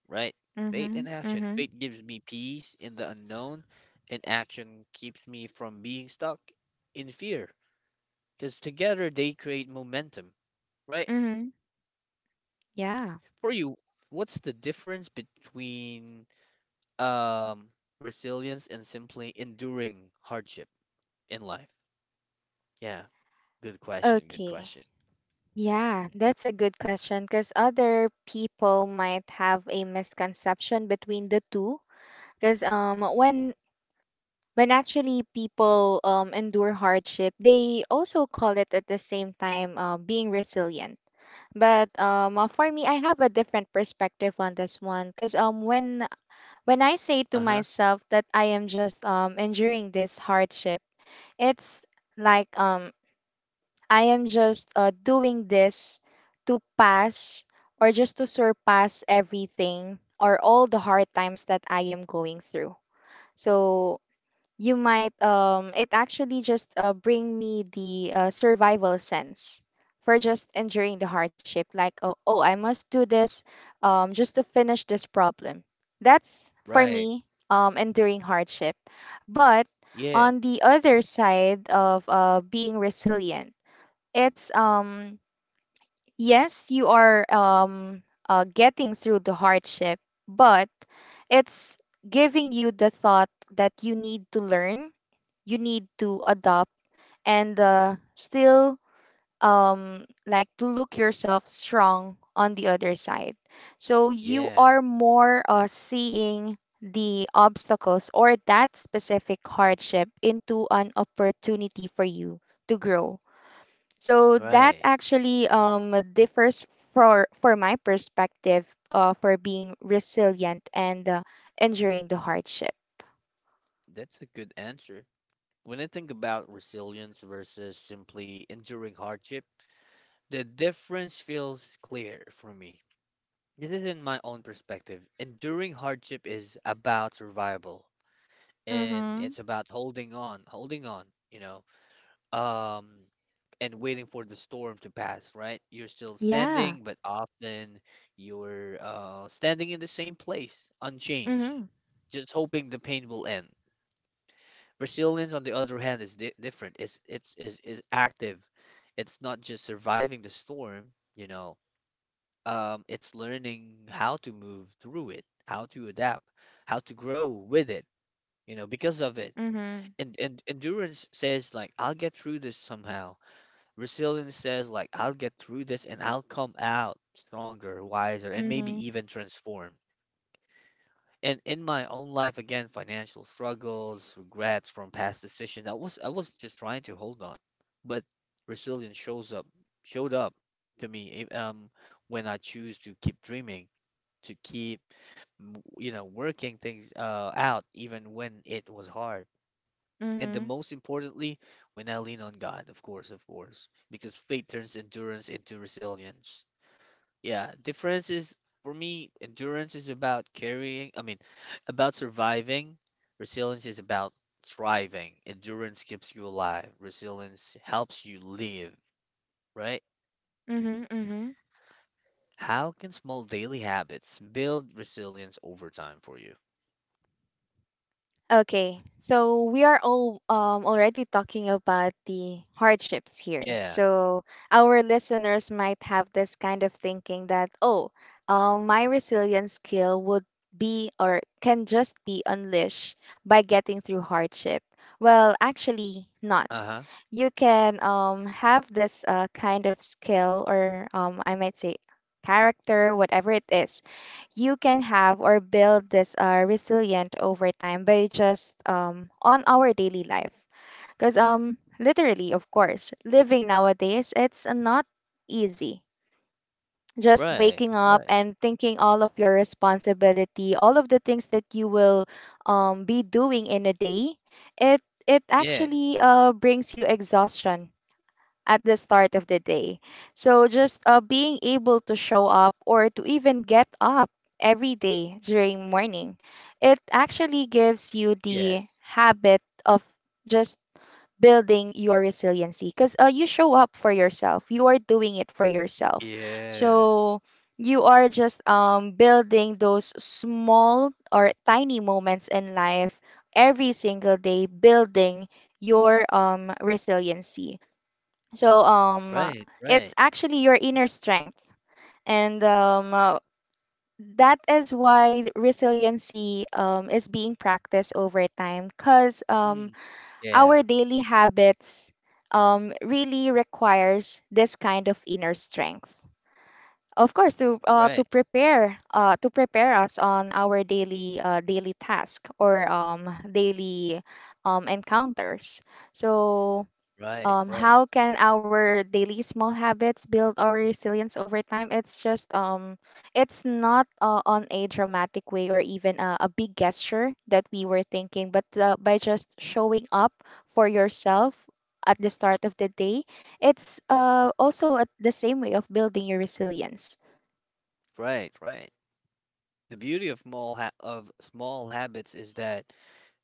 [SPEAKER 1] right? Faith
[SPEAKER 2] Mm-hmm.
[SPEAKER 1] and action.
[SPEAKER 2] Mm-hmm.
[SPEAKER 1] Faith gives me peace in the unknown, and action keeps me from being stuck in fear. Because together they create momentum, right?
[SPEAKER 2] Mm-hmm. Yeah.
[SPEAKER 1] For you, what's the difference between um resilience and simply enduring hardship in life? Yeah, good question, good
[SPEAKER 2] Okay.
[SPEAKER 1] question.
[SPEAKER 2] Yeah, that's a good question because other people might have a misconception between the two. Because when actually people endure hardship, they also call it at the same time being resilient. But for me, I have a different perspective on this one. Because when I say to
[SPEAKER 1] Uh-huh.
[SPEAKER 2] myself that I am just enduring this hardship, it's like I am just doing this to pass or just to surpass everything or all the hard times that I am going through. So you might it actually just bring me the survival sense for just enduring the hardship like oh, oh I must do this just to finish this problem that's for
[SPEAKER 1] Right.
[SPEAKER 2] me enduring hardship but
[SPEAKER 1] Yeah.
[SPEAKER 2] on the other side of being resilient it's yes you are getting through the hardship but it's giving you the thought that you need to learn you need to adopt and still like to look yourself strong on the other side. So you
[SPEAKER 1] Yeah,
[SPEAKER 2] are more seeing the obstacles or that specific hardship into an opportunity for you to grow. So that
[SPEAKER 1] right.
[SPEAKER 2] actually differs for my perspective for being resilient and enduring the hardship.
[SPEAKER 1] That's a good answer. When I think about resilience versus simply enduring hardship, the difference feels clear for me. This is in my own perspective. Enduring hardship is about survival, and
[SPEAKER 2] Mm-hmm.
[SPEAKER 1] it's about holding on, holding on, you know, um, and waiting for the storm to pass, right? You're still
[SPEAKER 2] Yeah.
[SPEAKER 1] standing, but often you're standing in the same place, unchanged,
[SPEAKER 2] Mm-hmm.
[SPEAKER 1] just hoping the pain will end. Resilience, on the other hand, is different. It's is active. It's not just surviving the storm, you know. It's learning how to move through it, how to adapt, how to grow with it, you know, because of it.
[SPEAKER 2] Mm-hmm.
[SPEAKER 1] And endurance says like I'll get through this somehow. Resilience says like I'll get through this and I'll come out stronger, wiser, and maybe
[SPEAKER 2] Mhm.
[SPEAKER 1] even transformed. And in my own life, again, financial struggles, regrets from past decisions. I was just trying to hold on, but resilience shows up showed up to me if, when I choose to keep dreaming, to keep you know working things out even when it was hard. And the
[SPEAKER 2] Mhm.
[SPEAKER 1] most importantly, when I lean on God, of course, because faith turns endurance into resilience. Yeah, difference is for me, endurance is about about surviving. Resilience is about thriving. Endurance keeps you alive. Resilience helps you live, right?
[SPEAKER 2] Mhm. Mhm.
[SPEAKER 1] How can small daily habits build resilience over time for you?
[SPEAKER 2] Okay. So we are all already talking about the hardships here.
[SPEAKER 1] Yeah.
[SPEAKER 2] So our listeners might have this kind of thinking that oh, my resilience skill would be or can just be unleashed by getting through hardship. Well, actually not.
[SPEAKER 1] Uh-huh.
[SPEAKER 2] You can have this kind of skill or I might say character whatever it is you can have or build this resilient over time by just on our daily life because literally of course living nowadays it's not easy just
[SPEAKER 1] Right.
[SPEAKER 2] waking up
[SPEAKER 1] Right.
[SPEAKER 2] and thinking all of your responsibility all of the things that you will be doing in a day it it
[SPEAKER 1] Yeah.
[SPEAKER 2] actually brings you exhaustion at the start of the day. So just being able to show up or to even get up every day during morning, it actually gives you the
[SPEAKER 1] Yes.
[SPEAKER 2] habit of just building your resiliency because you show up for yourself. You are doing it for yourself.
[SPEAKER 1] Yeah.
[SPEAKER 2] So you are just building those small or tiny moments in life every single day, building your resiliency. So um,
[SPEAKER 1] Right.
[SPEAKER 2] it's
[SPEAKER 1] Right.
[SPEAKER 2] actually your inner strength, and that is why resiliency is being practiced over time. Because
[SPEAKER 1] Mm.
[SPEAKER 2] our
[SPEAKER 1] Yeah.
[SPEAKER 2] daily habits really requires this kind of inner strength. Of course, to
[SPEAKER 1] Right.
[SPEAKER 2] prepare to prepare us on our daily daily task or daily encounters. So
[SPEAKER 1] Right. Right.
[SPEAKER 2] how can our daily small habits build our resilience over time? It's just it's not on a dramatic way or even a big gesture that we were thinking, but by just showing up for yourself at the start of the day, it's also at the same way of building your resilience.
[SPEAKER 1] Right. Right. The beauty of small habits is that,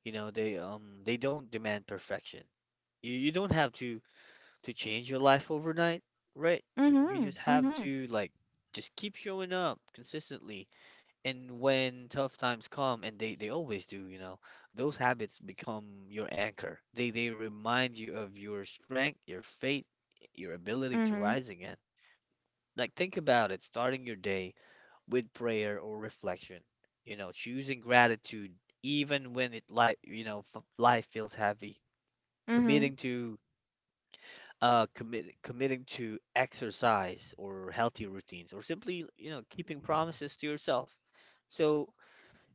[SPEAKER 1] you know, they don't demand perfection. You don't have to change your life overnight, right? You
[SPEAKER 2] Mm-hmm.
[SPEAKER 1] just have
[SPEAKER 2] Mm-hmm.
[SPEAKER 1] to like just keep showing up consistently. And when tough times come, and they always do, you know, those habits become your anchor. They remind you of your strength, your faith, your ability to
[SPEAKER 2] Mm-hmm.
[SPEAKER 1] rise again. Like think about it, starting your day with prayer or reflection. You know, choosing gratitude even when it like you know life feels heavy.
[SPEAKER 2] Mm-hmm.
[SPEAKER 1] Committing to committing to exercise or healthy routines, or simply you know keeping promises to yourself. So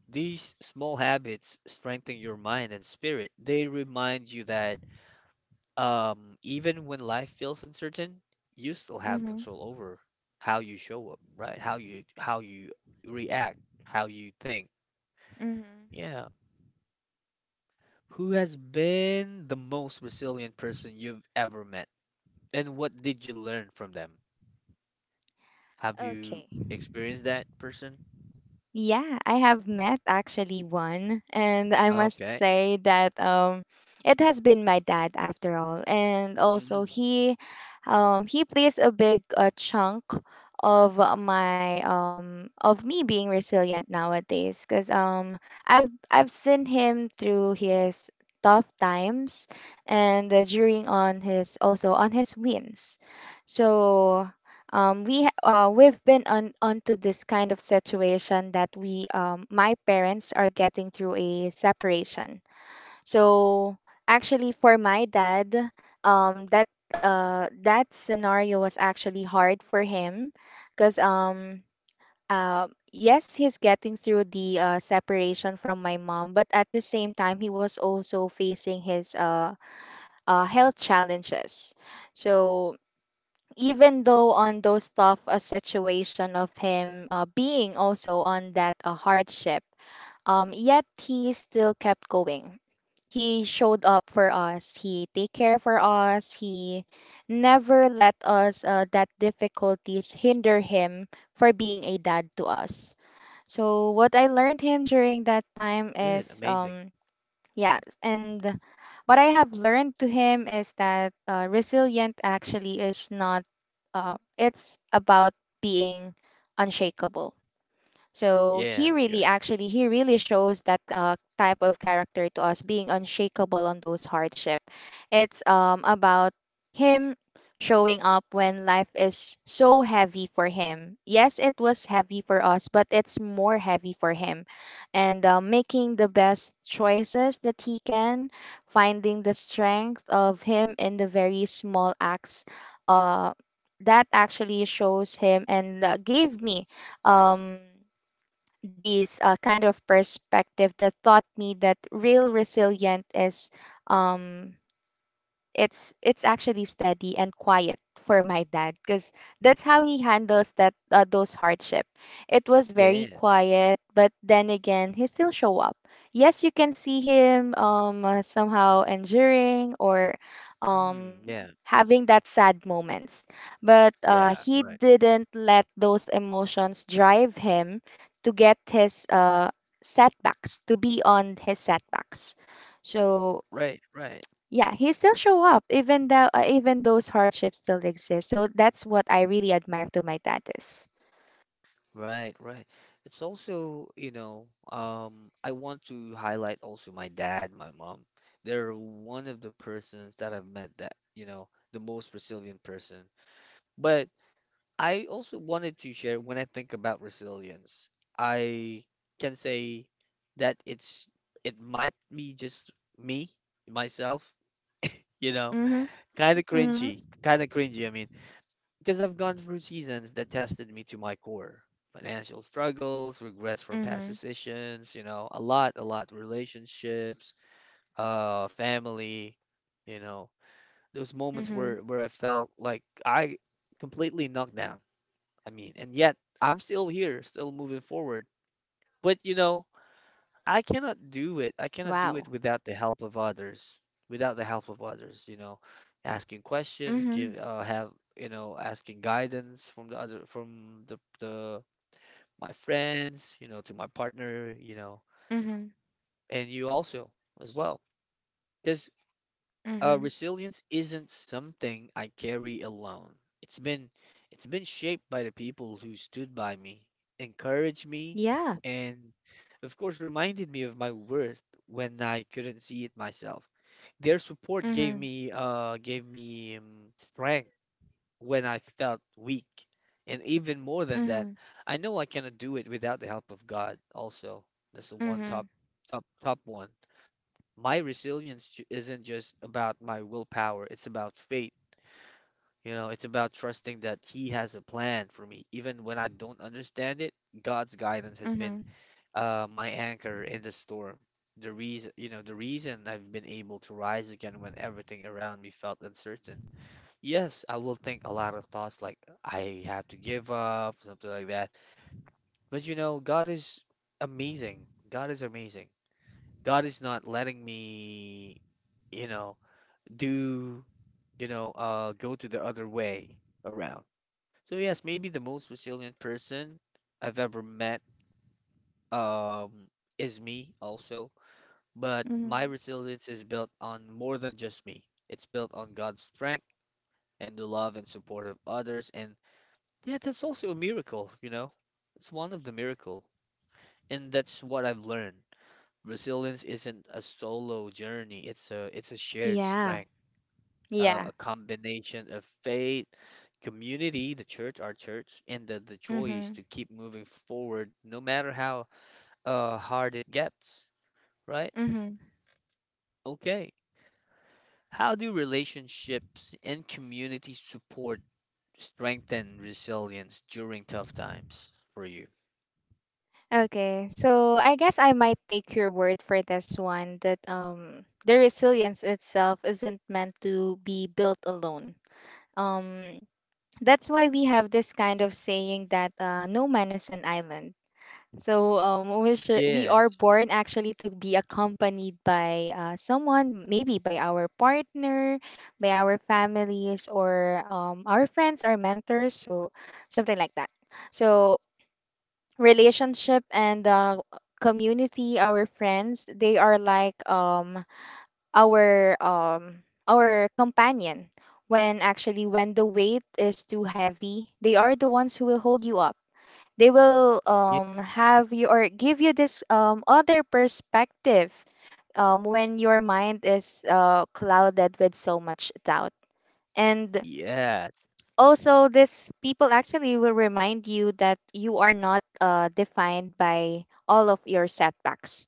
[SPEAKER 1] these small habits strengthen your mind and spirit. They remind you that even when life feels uncertain, you still have
[SPEAKER 2] Mm-hmm.
[SPEAKER 1] control over how you show up, right? How you react, how you think.
[SPEAKER 2] Mm-hmm.
[SPEAKER 1] Yeah. Who has been the most resilient person you've ever met? And what did you learn from them? Have you
[SPEAKER 2] Okay.
[SPEAKER 1] experienced that person?
[SPEAKER 2] Yeah, I have met actually one, and I must
[SPEAKER 1] Okay.
[SPEAKER 2] say that it has been my dad after all, and also
[SPEAKER 1] Mm,
[SPEAKER 2] he plays a big chunk of my of me being resilient nowadays, because um I've seen him through his tough times and during on his also on his wins, so we've been on onto this kind of situation that we my parents are getting through a separation. So actually, for my dad, um, that that scenario was actually hard for him, because yes, he's getting through the separation from my mom, but at the same time, he was also facing his health challenges. So even though on those tough situation of him being also on that hardship yet he still kept going he showed up for us he take care for us he never let us that difficulties hinder him for being a dad to us so what I learned him during that time
[SPEAKER 1] good.
[SPEAKER 2] is
[SPEAKER 1] Amazing.
[SPEAKER 2] Yes, and what I have learned to him is that resilient actually is not, it's about being unshakable. So he
[SPEAKER 1] Yeah. Yeah.
[SPEAKER 2] really, actually, he really shows that type of character to us, being unshakable on those hardship. It's about him showing up when life is so heavy for him. Yes, it was heavy for us, but it's more heavy for him, and making the best choices that he can, finding the strength of him in the very small acts. Uh, that actually shows him and gave me um this kind of perspective that taught me that real resilient is um, it's actually steady and quiet for my dad because that's how he handles that those hardship it was very
[SPEAKER 1] Yes.
[SPEAKER 2] quiet but then again he still show up yes you can see him somehow enduring or um
[SPEAKER 1] Mm, yeah.
[SPEAKER 2] having that sad moments but
[SPEAKER 1] Yeah.
[SPEAKER 2] he
[SPEAKER 1] Right.
[SPEAKER 2] didn't let those emotions drive him to get his setbacks to be on his setbacks so
[SPEAKER 1] Right. Right.
[SPEAKER 2] yeah he still show up even though even those hardships still exist so that's what I really admire to my dad is
[SPEAKER 1] Right. Right. It's also, you know, I want to highlight also my dad, my mom. They're one of the persons that I've met that, you know, the most resilient person. But I also wanted to share, when I think about resilience, I can say that it might be just me, myself, you know,
[SPEAKER 2] Mhm.
[SPEAKER 1] kind of
[SPEAKER 2] Mhm.
[SPEAKER 1] cringy, kind of cringy. I mean, because I've gone through seasons that tested me to my core. Financial struggles, regrets from past
[SPEAKER 2] Mhm.
[SPEAKER 1] decisions, you know, a lot, relationships, family, you know, those
[SPEAKER 2] Mhm.
[SPEAKER 1] moments where I felt like I completely knocked down. I mean, and yet I'm still here, still moving forward. But you know, I cannot do it. I
[SPEAKER 2] Wow.
[SPEAKER 1] cannot do it without the help of others. Without the help of others, you know, asking
[SPEAKER 2] Mhm.
[SPEAKER 1] questions, you know, asking guidance from the other, from the my friends, you know, to my partner, you know,
[SPEAKER 2] Mhm.
[SPEAKER 1] and you also as well.
[SPEAKER 2] Mhm.
[SPEAKER 1] Resilience isn't something I carry alone. It's been it's been shaped by the people who stood by me, encouraged me,
[SPEAKER 2] Yeah.
[SPEAKER 1] and of course reminded me of my worth when I couldn't see it myself. Their support
[SPEAKER 2] Mhm.
[SPEAKER 1] gave me strength when I felt weak. And even more than
[SPEAKER 2] Mhm.
[SPEAKER 1] that, I know I cannot do it without the help of God also. That's the one
[SPEAKER 2] Mhm.
[SPEAKER 1] top, top, top one. My resilience isn't just about my willpower, it's about faith. You know, it's about trusting that He has a plan for me. Even when I don't understand it, God's guidance has
[SPEAKER 2] Mhm.
[SPEAKER 1] been my anchor in the storm. The reason, you know, the reason I've been able to rise again when everything around me felt uncertain. Yes, I will think a lot of thoughts like I have to give up, something like that. But you know, God is amazing. God is amazing. God is not letting me, you know, do go to the other way around. So yes, maybe the most resilient person I've ever met, um is me also. But my
[SPEAKER 2] Mhm.
[SPEAKER 1] resilience is built on more than just me. It's built on God's strength and the love and support of others. And yeah, that's also a miracle, you know. It's one of the miracle. And that's what I've learned. Resilience isn't a solo journey, it's a shared
[SPEAKER 2] Yeah.
[SPEAKER 1] strength,
[SPEAKER 2] Yeah.
[SPEAKER 1] a combination of faith, community, the church, our church, and the choice
[SPEAKER 2] Mhm.
[SPEAKER 1] to keep moving forward, no matter how hard it gets, right?
[SPEAKER 2] Mhm.
[SPEAKER 1] Okay. How do relationships and community support strengthen resilience during tough times for you?
[SPEAKER 2] Okay, so I guess I might take your word for this one that the resilience itself isn't meant to be built alone. Um that's why we have this kind of saying that no man is an island. So we are
[SPEAKER 1] Yes.
[SPEAKER 2] born actually to be accompanied by someone, maybe by our partner, by our families, or our friends, our mentors, so something like that. So relationship and community, our friends, they are like our um our companion when actually when the weight is too heavy they are the ones who will hold you up they will
[SPEAKER 1] Yeah.
[SPEAKER 2] have you or give you this other perspective when your mind is clouded with so much doubt and
[SPEAKER 1] Yes.
[SPEAKER 2] also these people actually will remind you that you are not defined by all of your setbacks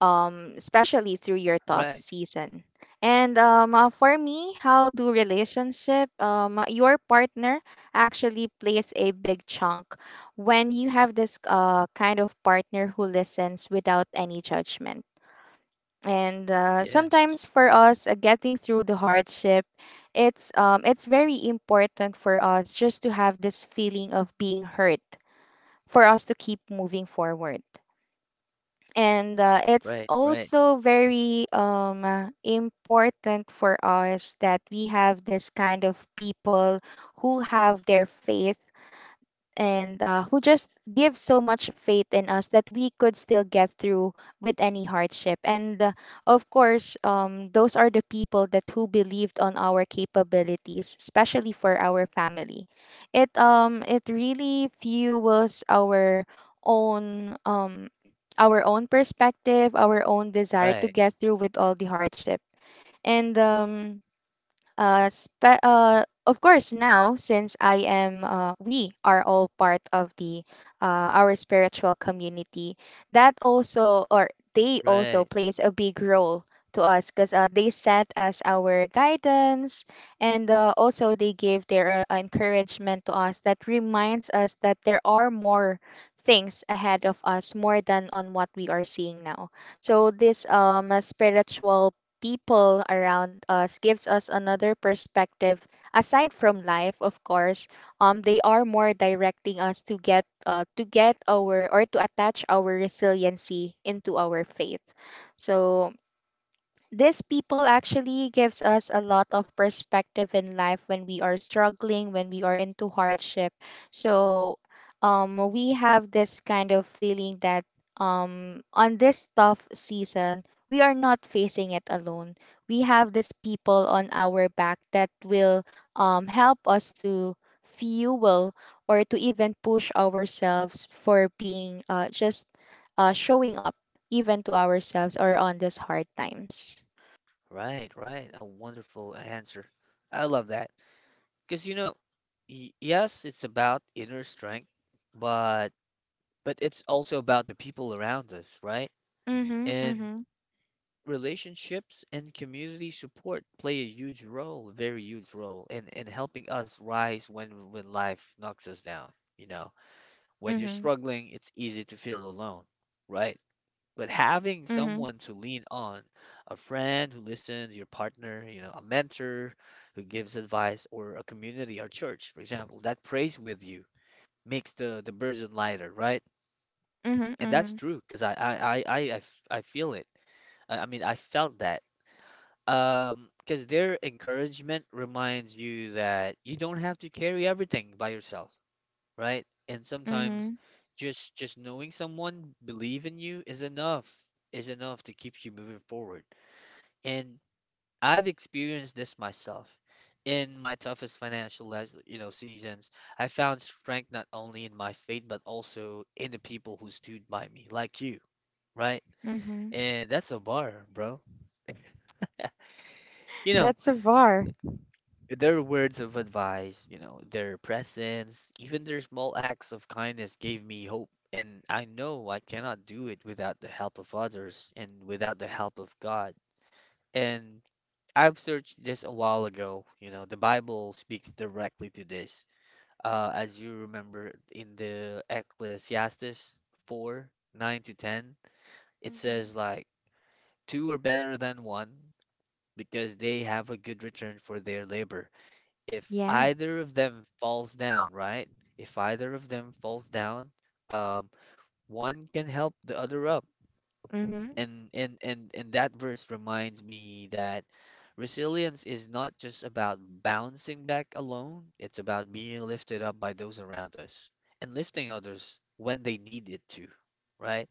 [SPEAKER 2] especially through your tough
[SPEAKER 1] Right.
[SPEAKER 2] season. And for me, how do relationship, your partner actually plays a big chunk when you have this kind of partner who listens without any judgment. And
[SPEAKER 1] Yes.
[SPEAKER 2] sometimes for us, getting through the hardship, it's very important for us just to have this feeling of being hurt for us to keep moving forward, and it's
[SPEAKER 1] Right. Right.
[SPEAKER 2] also very important for us that we have this kind of people who have their faith, and who just give so much faith in us that we could still get through with any hardship. And of course, those are the people that who believed on our capabilities, especially for our family. It really fuels our own, our own perspective, our own desire to
[SPEAKER 1] Right.
[SPEAKER 2] get through with all the hardship. And um of course, now since we are all part of the our spiritual community. That also, or they also,
[SPEAKER 1] Right.
[SPEAKER 2] plays a big role to us because they set as our guidance, and also they give their encouragement to us. That reminds us that there are more things ahead of us, more than on what we are seeing now. So this spiritual people around us gives us another perspective aside from life, of course. They are more directing us to get our or to attach our resiliency into our faith. So these people actually gives us a lot of perspective in life when we are struggling, when we are into hardship. So we have this kind of feeling that on this tough season we are not facing it alone. We have these people on our back that will help us to fuel or to even push ourselves for being just showing up, even to ourselves or on these hard times.
[SPEAKER 1] Right. Right. A wonderful answer. I love that. Because, you know, yes, it's about inner strength, but but it's also about the people around us, right?
[SPEAKER 2] Mhm,
[SPEAKER 1] And
[SPEAKER 2] mhm,
[SPEAKER 1] relationships and community support play a huge role, very huge role, in helping us rise when life knocks us down, you know. When you're
[SPEAKER 2] mhm,
[SPEAKER 1] struggling, it's easy to feel alone, right? But having
[SPEAKER 2] mhm,
[SPEAKER 1] someone to lean on, a friend who listens, your partner, you know, a mentor who gives advice, or a community or church, for example, that prays with you makes the burden lighter, right?
[SPEAKER 2] mhm,
[SPEAKER 1] And that's
[SPEAKER 2] mhm,
[SPEAKER 1] true because I feel it. I mean, I felt that. Because their encouragement reminds you that you don't have to carry everything by yourself, right? And sometimes,
[SPEAKER 2] mhm,
[SPEAKER 1] just knowing someone believe in you is enough to keep you moving forward. And I've experienced this myself. In my toughest financial, you know, seasons, I found strength not only in my faith but also in the people who stood by me, like you, right?
[SPEAKER 2] mhm.
[SPEAKER 1] And that's a bar, bro. You know,
[SPEAKER 2] That's a var.
[SPEAKER 1] their words of advice, you know, their presence, even their small acts of kindness gave me hope. And I know I cannot do it without the help of others and without the help of God. And I've searched this a while ago. You know, the Bible speaks directly to this. As you remember in the Ecclesiastes 4:9-10, it
[SPEAKER 2] Mhm.
[SPEAKER 1] says like, two are better than one because they have a good return for their labor. If
[SPEAKER 2] Yeah.
[SPEAKER 1] either of them falls down, right? If either of them falls down, um, one can help the other up.
[SPEAKER 2] Mhm,
[SPEAKER 1] And that verse reminds me that resilience is not just about bouncing back alone. It's about being lifted up by those around us and lifting others when they need it to, right?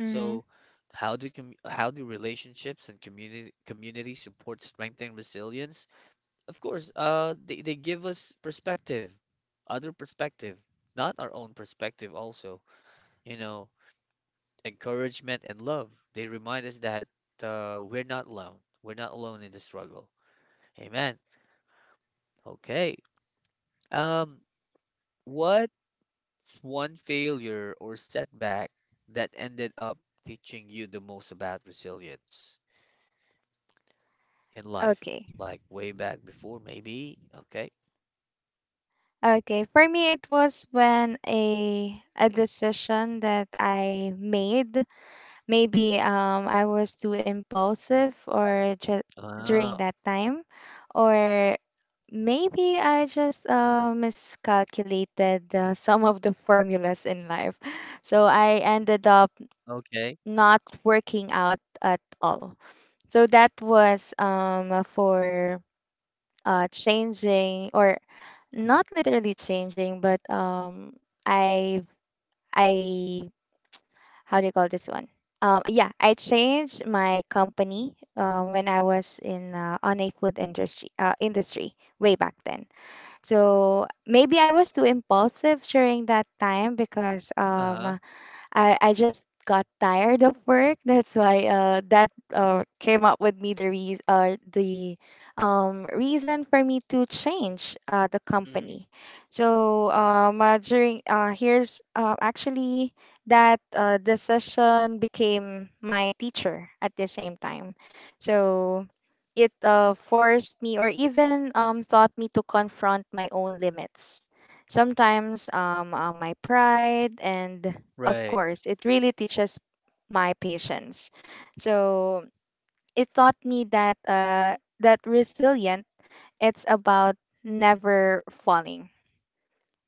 [SPEAKER 2] mhm.
[SPEAKER 1] So, how do relationships and community support strengthen resilience? Of course, they give us perspective, other perspective, not our own perspective also, you know, encouragement, and love. They remind us that, we're not alone. We're not alone in the struggle. Amen. Okay. Um, what's one failure or setback that ended up teaching you the most about resilience in life?
[SPEAKER 2] Okay.
[SPEAKER 1] Like way back before, maybe? Okay.
[SPEAKER 2] Okay. For me, it was when a decision that I made. Maybe I was too impulsive or during
[SPEAKER 1] Ah,
[SPEAKER 2] that time, or maybe I just miscalculated some of the formulas in life. So I ended up
[SPEAKER 1] okay.
[SPEAKER 2] not working out at all. So that was for changing or not literally changing, but I I how do you call this one? Yeah, I changed my company when I was in on a food industry way back then. So maybe I was too impulsive during that time because
[SPEAKER 1] Uh-huh.
[SPEAKER 2] I just got tired of work. That's why that came up with me the reason for me to change the
[SPEAKER 1] Hmm.
[SPEAKER 2] company. So during here's actually that decision became my teacher at the same time. So it forced me or even taught me to confront my own limits. Sometimes my pride and of
[SPEAKER 1] Right.
[SPEAKER 2] course, it really teaches my patience. So it taught me that that resilient, it's about never falling.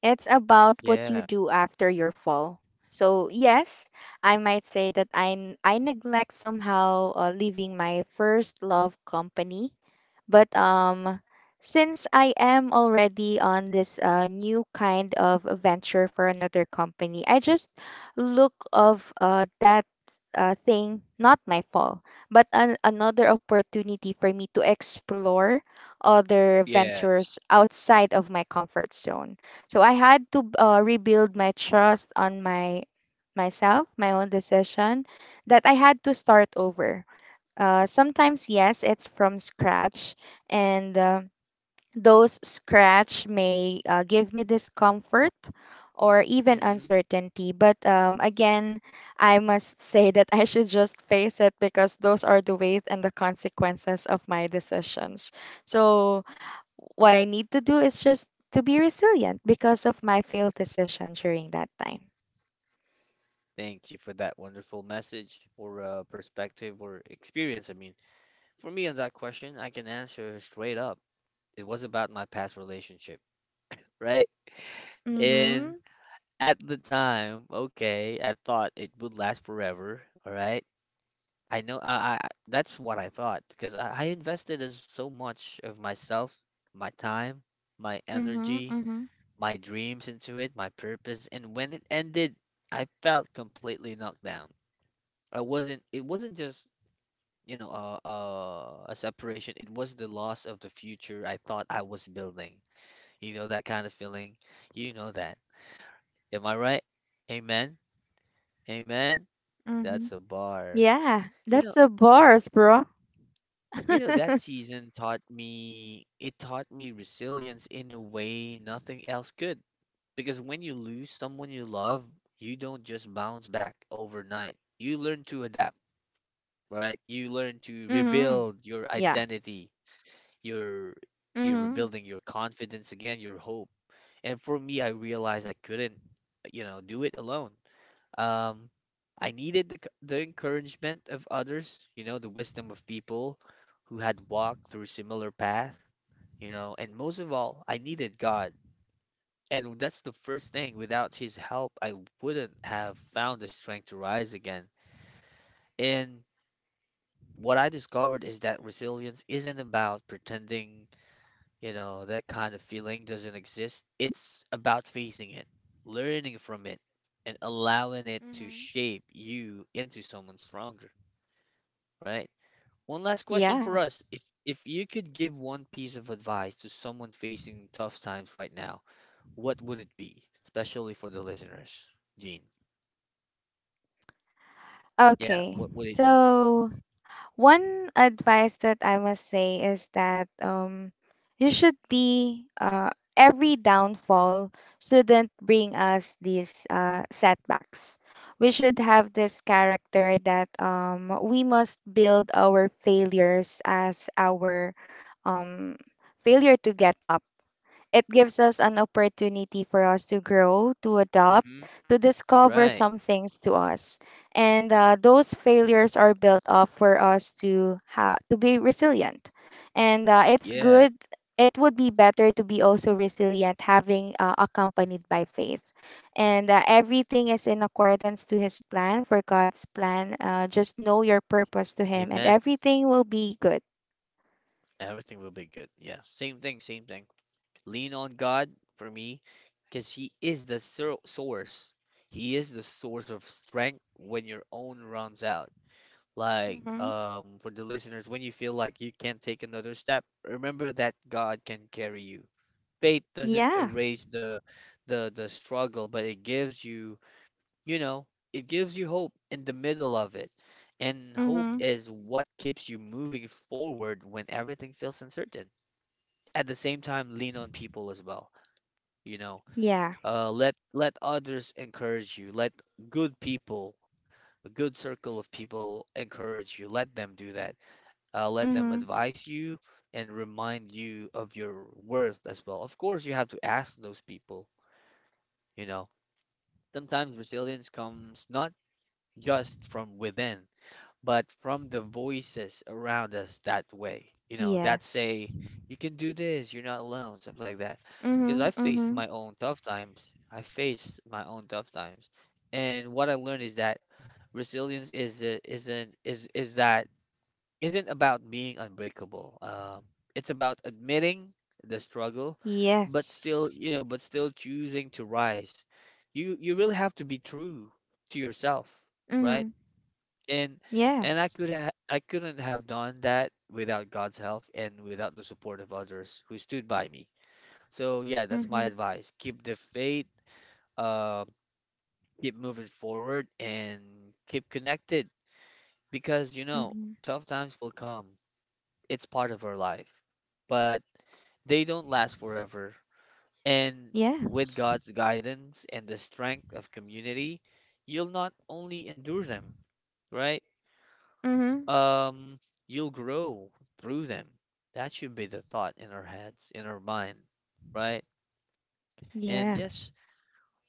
[SPEAKER 2] It's about what you
[SPEAKER 1] Yeah.
[SPEAKER 2] do after your fall. So yes, I might say that I neglect somehow leaving my first love company, but since I am already on this new kind of venture for another company, I just look of that thing not my fall, but another opportunity for me to explore other
[SPEAKER 1] Yeah.
[SPEAKER 2] ventures outside of my comfort zone. So I had to rebuild my trust on my myself, my own decision, that I had to start over, sometimes, yes, it's from scratch, and those scratch may give me discomfort or even
[SPEAKER 1] Hmm.
[SPEAKER 2] uncertainty. But again, I must say that I should just face it because those are the ways and the consequences of my decisions. So, what I need to do is just to be resilient because of my failed decision during that time.
[SPEAKER 1] Thank you for that wonderful message, or perspective, or experience. I mean, for me, on that question, I can answer straight up. It was about my past relationship, right?
[SPEAKER 2] Mm-hmm.
[SPEAKER 1] And at the time, okay, I thought it would last forever, all right? I know, I, that's what I thought, because I invested as so much of myself, my time, my
[SPEAKER 2] Mm-hmm.
[SPEAKER 1] energy,
[SPEAKER 2] Mm-hmm.
[SPEAKER 1] my dreams into it, my purpose, and when it ended, I felt completely knocked down. I wasn't It wasn't just, a separation. It was the loss of the future I thought I was building. You know that kind of feeling. You know that. Am I right? Amen. Amen.
[SPEAKER 2] Mm-hmm.
[SPEAKER 1] That's a bar.
[SPEAKER 2] Yeah,
[SPEAKER 1] You
[SPEAKER 2] that's
[SPEAKER 1] know,
[SPEAKER 2] a bars, bro.
[SPEAKER 1] you know that season taught me. It taught me resilience in a way nothing else could. Because when you lose someone you love, you don't just bounce back overnight. You learn to adapt, right? You learn to
[SPEAKER 2] Mhm.
[SPEAKER 1] rebuild your
[SPEAKER 2] Yeah.
[SPEAKER 1] identity. You're you're
[SPEAKER 2] Mhm.
[SPEAKER 1] rebuilding your confidence again, your hope. And for me, I realized I couldn't, you know, do it alone. Um, I needed the encouragement of others, you know, the wisdom of people who had walked through similar path, you know, and most of all, I needed God. And that's the first thing. Without His help, I wouldn't have found the strength to rise again. And what I discovered is that resilience isn't about pretending. You know, that kind of feeling doesn't exist. It's about facing it, learning from it, and allowing it to
[SPEAKER 2] Mhm.
[SPEAKER 1] shape you into someone stronger, right? One last question
[SPEAKER 2] Yeah.
[SPEAKER 1] for us. If you could give one piece of advice to someone facing tough times right now, what would it be? Especially for the listeners, Gene. Yeah,
[SPEAKER 2] Okay.
[SPEAKER 1] what would it be?
[SPEAKER 2] So, one advice that I must say is that you should be every downfall shouldn't bring us these setbacks. We should have this character that we must build our failures as our um failure to get up. It gives us an opportunity for us to grow, to adopt,
[SPEAKER 1] Hmm.
[SPEAKER 2] to discover
[SPEAKER 1] Right.
[SPEAKER 2] some things to us. And those failures are built up for us to to be resilient. And it's
[SPEAKER 1] Yeah.
[SPEAKER 2] good. It would be better to be also resilient, having accompanied by faith. And everything is in accordance to His plan, for God's plan. Just know your purpose to Him, and
[SPEAKER 1] Amen.
[SPEAKER 2] everything will be good.
[SPEAKER 1] Everything will be good. Yeah. Same thing, same thing. Lean on God for me, because He is the source. He is the source of strength when your own runs out. Like,
[SPEAKER 2] Mm-hmm.
[SPEAKER 1] for the listeners, when you feel like you can't take another step, remember that God can carry you. Faith doesn't
[SPEAKER 2] Yeah.
[SPEAKER 1] erase the struggle, but it gives you, you know, it gives you hope in the middle of it. And hope
[SPEAKER 2] Mm-hmm.
[SPEAKER 1] is what keeps you moving forward when everything feels uncertain. At the same time, lean on people as well, you know.
[SPEAKER 2] Yeah.
[SPEAKER 1] Let others encourage you. Let good people, a good circle of people, encourage you. Let them do that. Let them
[SPEAKER 2] Mm-hmm.
[SPEAKER 1] advise you and remind you of your worth as well. Of course, you have to ask those people, you know. Sometimes resilience comes not just from within, but from the voices around us that way. You know, that say,
[SPEAKER 2] Yes.
[SPEAKER 1] you can do this, you're not alone, something like that. Because
[SPEAKER 2] Mhm.
[SPEAKER 1] I faced
[SPEAKER 2] Mhm.
[SPEAKER 1] my own tough times. I faced my own tough times. And what I learned is that resilience is the, isn't is that isn't about being unbreakable. It's about admitting the struggle, but still,
[SPEAKER 2] Yes.
[SPEAKER 1] you know, but still choosing to rise. You really have to be true to yourself,
[SPEAKER 2] Mhm.
[SPEAKER 1] right? and and
[SPEAKER 2] Yes.
[SPEAKER 1] I couldn't have done that without God's help and without the support of others who stood by me. So yeah, that's my
[SPEAKER 2] Mhm.
[SPEAKER 1] advice. Keep the faith, uh, keep moving forward, and keep connected, because you know
[SPEAKER 2] Mhm.
[SPEAKER 1] tough times will come. It's part of our life, but they don't last forever. And with
[SPEAKER 2] Yes.
[SPEAKER 1] God's guidance and the strength of community, you'll not only endure them, right?
[SPEAKER 2] Mhm.
[SPEAKER 1] Um, you'll grow through them. That should be the thought in our heads, in our mind, right? And
[SPEAKER 2] Yeah.
[SPEAKER 1] yes,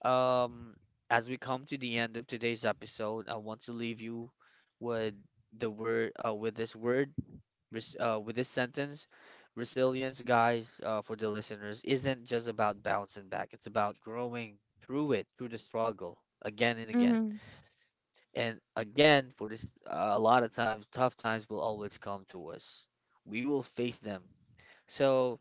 [SPEAKER 1] um, as we come to the end of today's episode, I want to leave you with the word, with this word, with this sentence. Resilience, guys, for the listeners, isn't just about bouncing back. It's about growing through it, through the struggle, again and again.
[SPEAKER 2] Mhm.
[SPEAKER 1] And again, for this, a lot of times, tough times will always come to us. We will face them. So,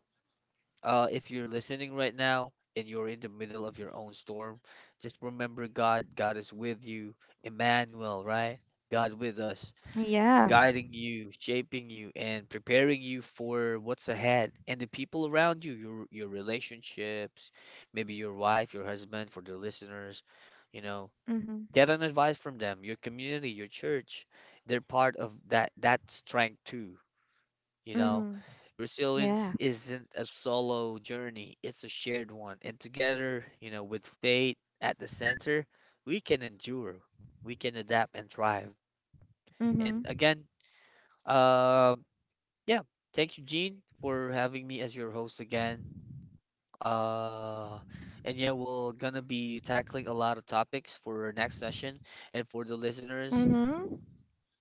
[SPEAKER 1] if you're listening right now and you're in the middle of your own storm, just remember God. God is with you. Emmanuel, right? God with us,
[SPEAKER 2] Yeah.
[SPEAKER 1] guiding you, shaping you, and preparing you for what's ahead, and the people around you, your relationships, maybe your wife, your husband, for the listeners, you know.
[SPEAKER 2] Mhm.
[SPEAKER 1] Getting advice from them, your community, your church, they're part of that strength too, you know.
[SPEAKER 2] Mhm.
[SPEAKER 1] Resilience
[SPEAKER 2] Yeah.
[SPEAKER 1] isn't a solo journey, it's a shared one. And together, you know, with faith at the center, we can endure, we can adapt and thrive. And
[SPEAKER 2] Mhm.
[SPEAKER 1] again, uh, yeah, thank you, Gene, for having me as your host again. Uh, and yeah, we're gonna be tackling a lot of topics for our next session. And for the listeners,
[SPEAKER 2] Mhm.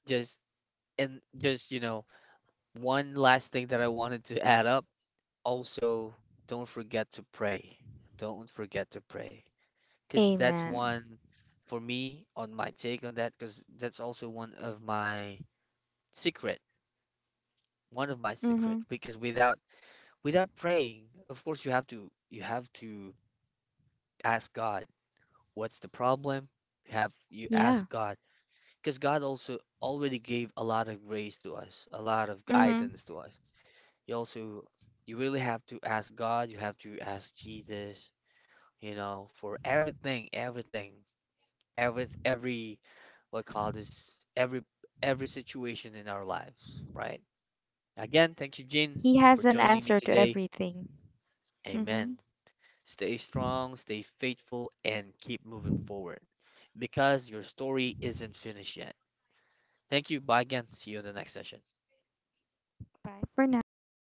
[SPEAKER 1] just just, you know, one last thing that I wanted to add up. Also, don't forget to pray. Don't forget to pray. Because that's
[SPEAKER 2] Amen.
[SPEAKER 1] one, for me, on my take on that, because that's also one of my secret. One of my secret.
[SPEAKER 2] Mhm.
[SPEAKER 1] Because without praying, of course you have to ask God what's the problem. You ask
[SPEAKER 2] Yeah.
[SPEAKER 1] God, because God also already gave a lot of grace to us, a lot of guidance
[SPEAKER 2] Mhm.
[SPEAKER 1] to us. You also, you really have to ask God, you have to ask Jesus, you know, for everything, everything, every, what call this, every situation in our lives, right? Again, thank you, Jin,
[SPEAKER 2] He
[SPEAKER 1] for
[SPEAKER 2] has an
[SPEAKER 1] joining me
[SPEAKER 2] answer to
[SPEAKER 1] today.
[SPEAKER 2] everything.
[SPEAKER 1] Amen.
[SPEAKER 2] Mhm.
[SPEAKER 1] Stay strong, stay faithful, and keep moving forward because your story isn't finished yet. Thank you. Bye again. See you in the next session.
[SPEAKER 2] Bye for now.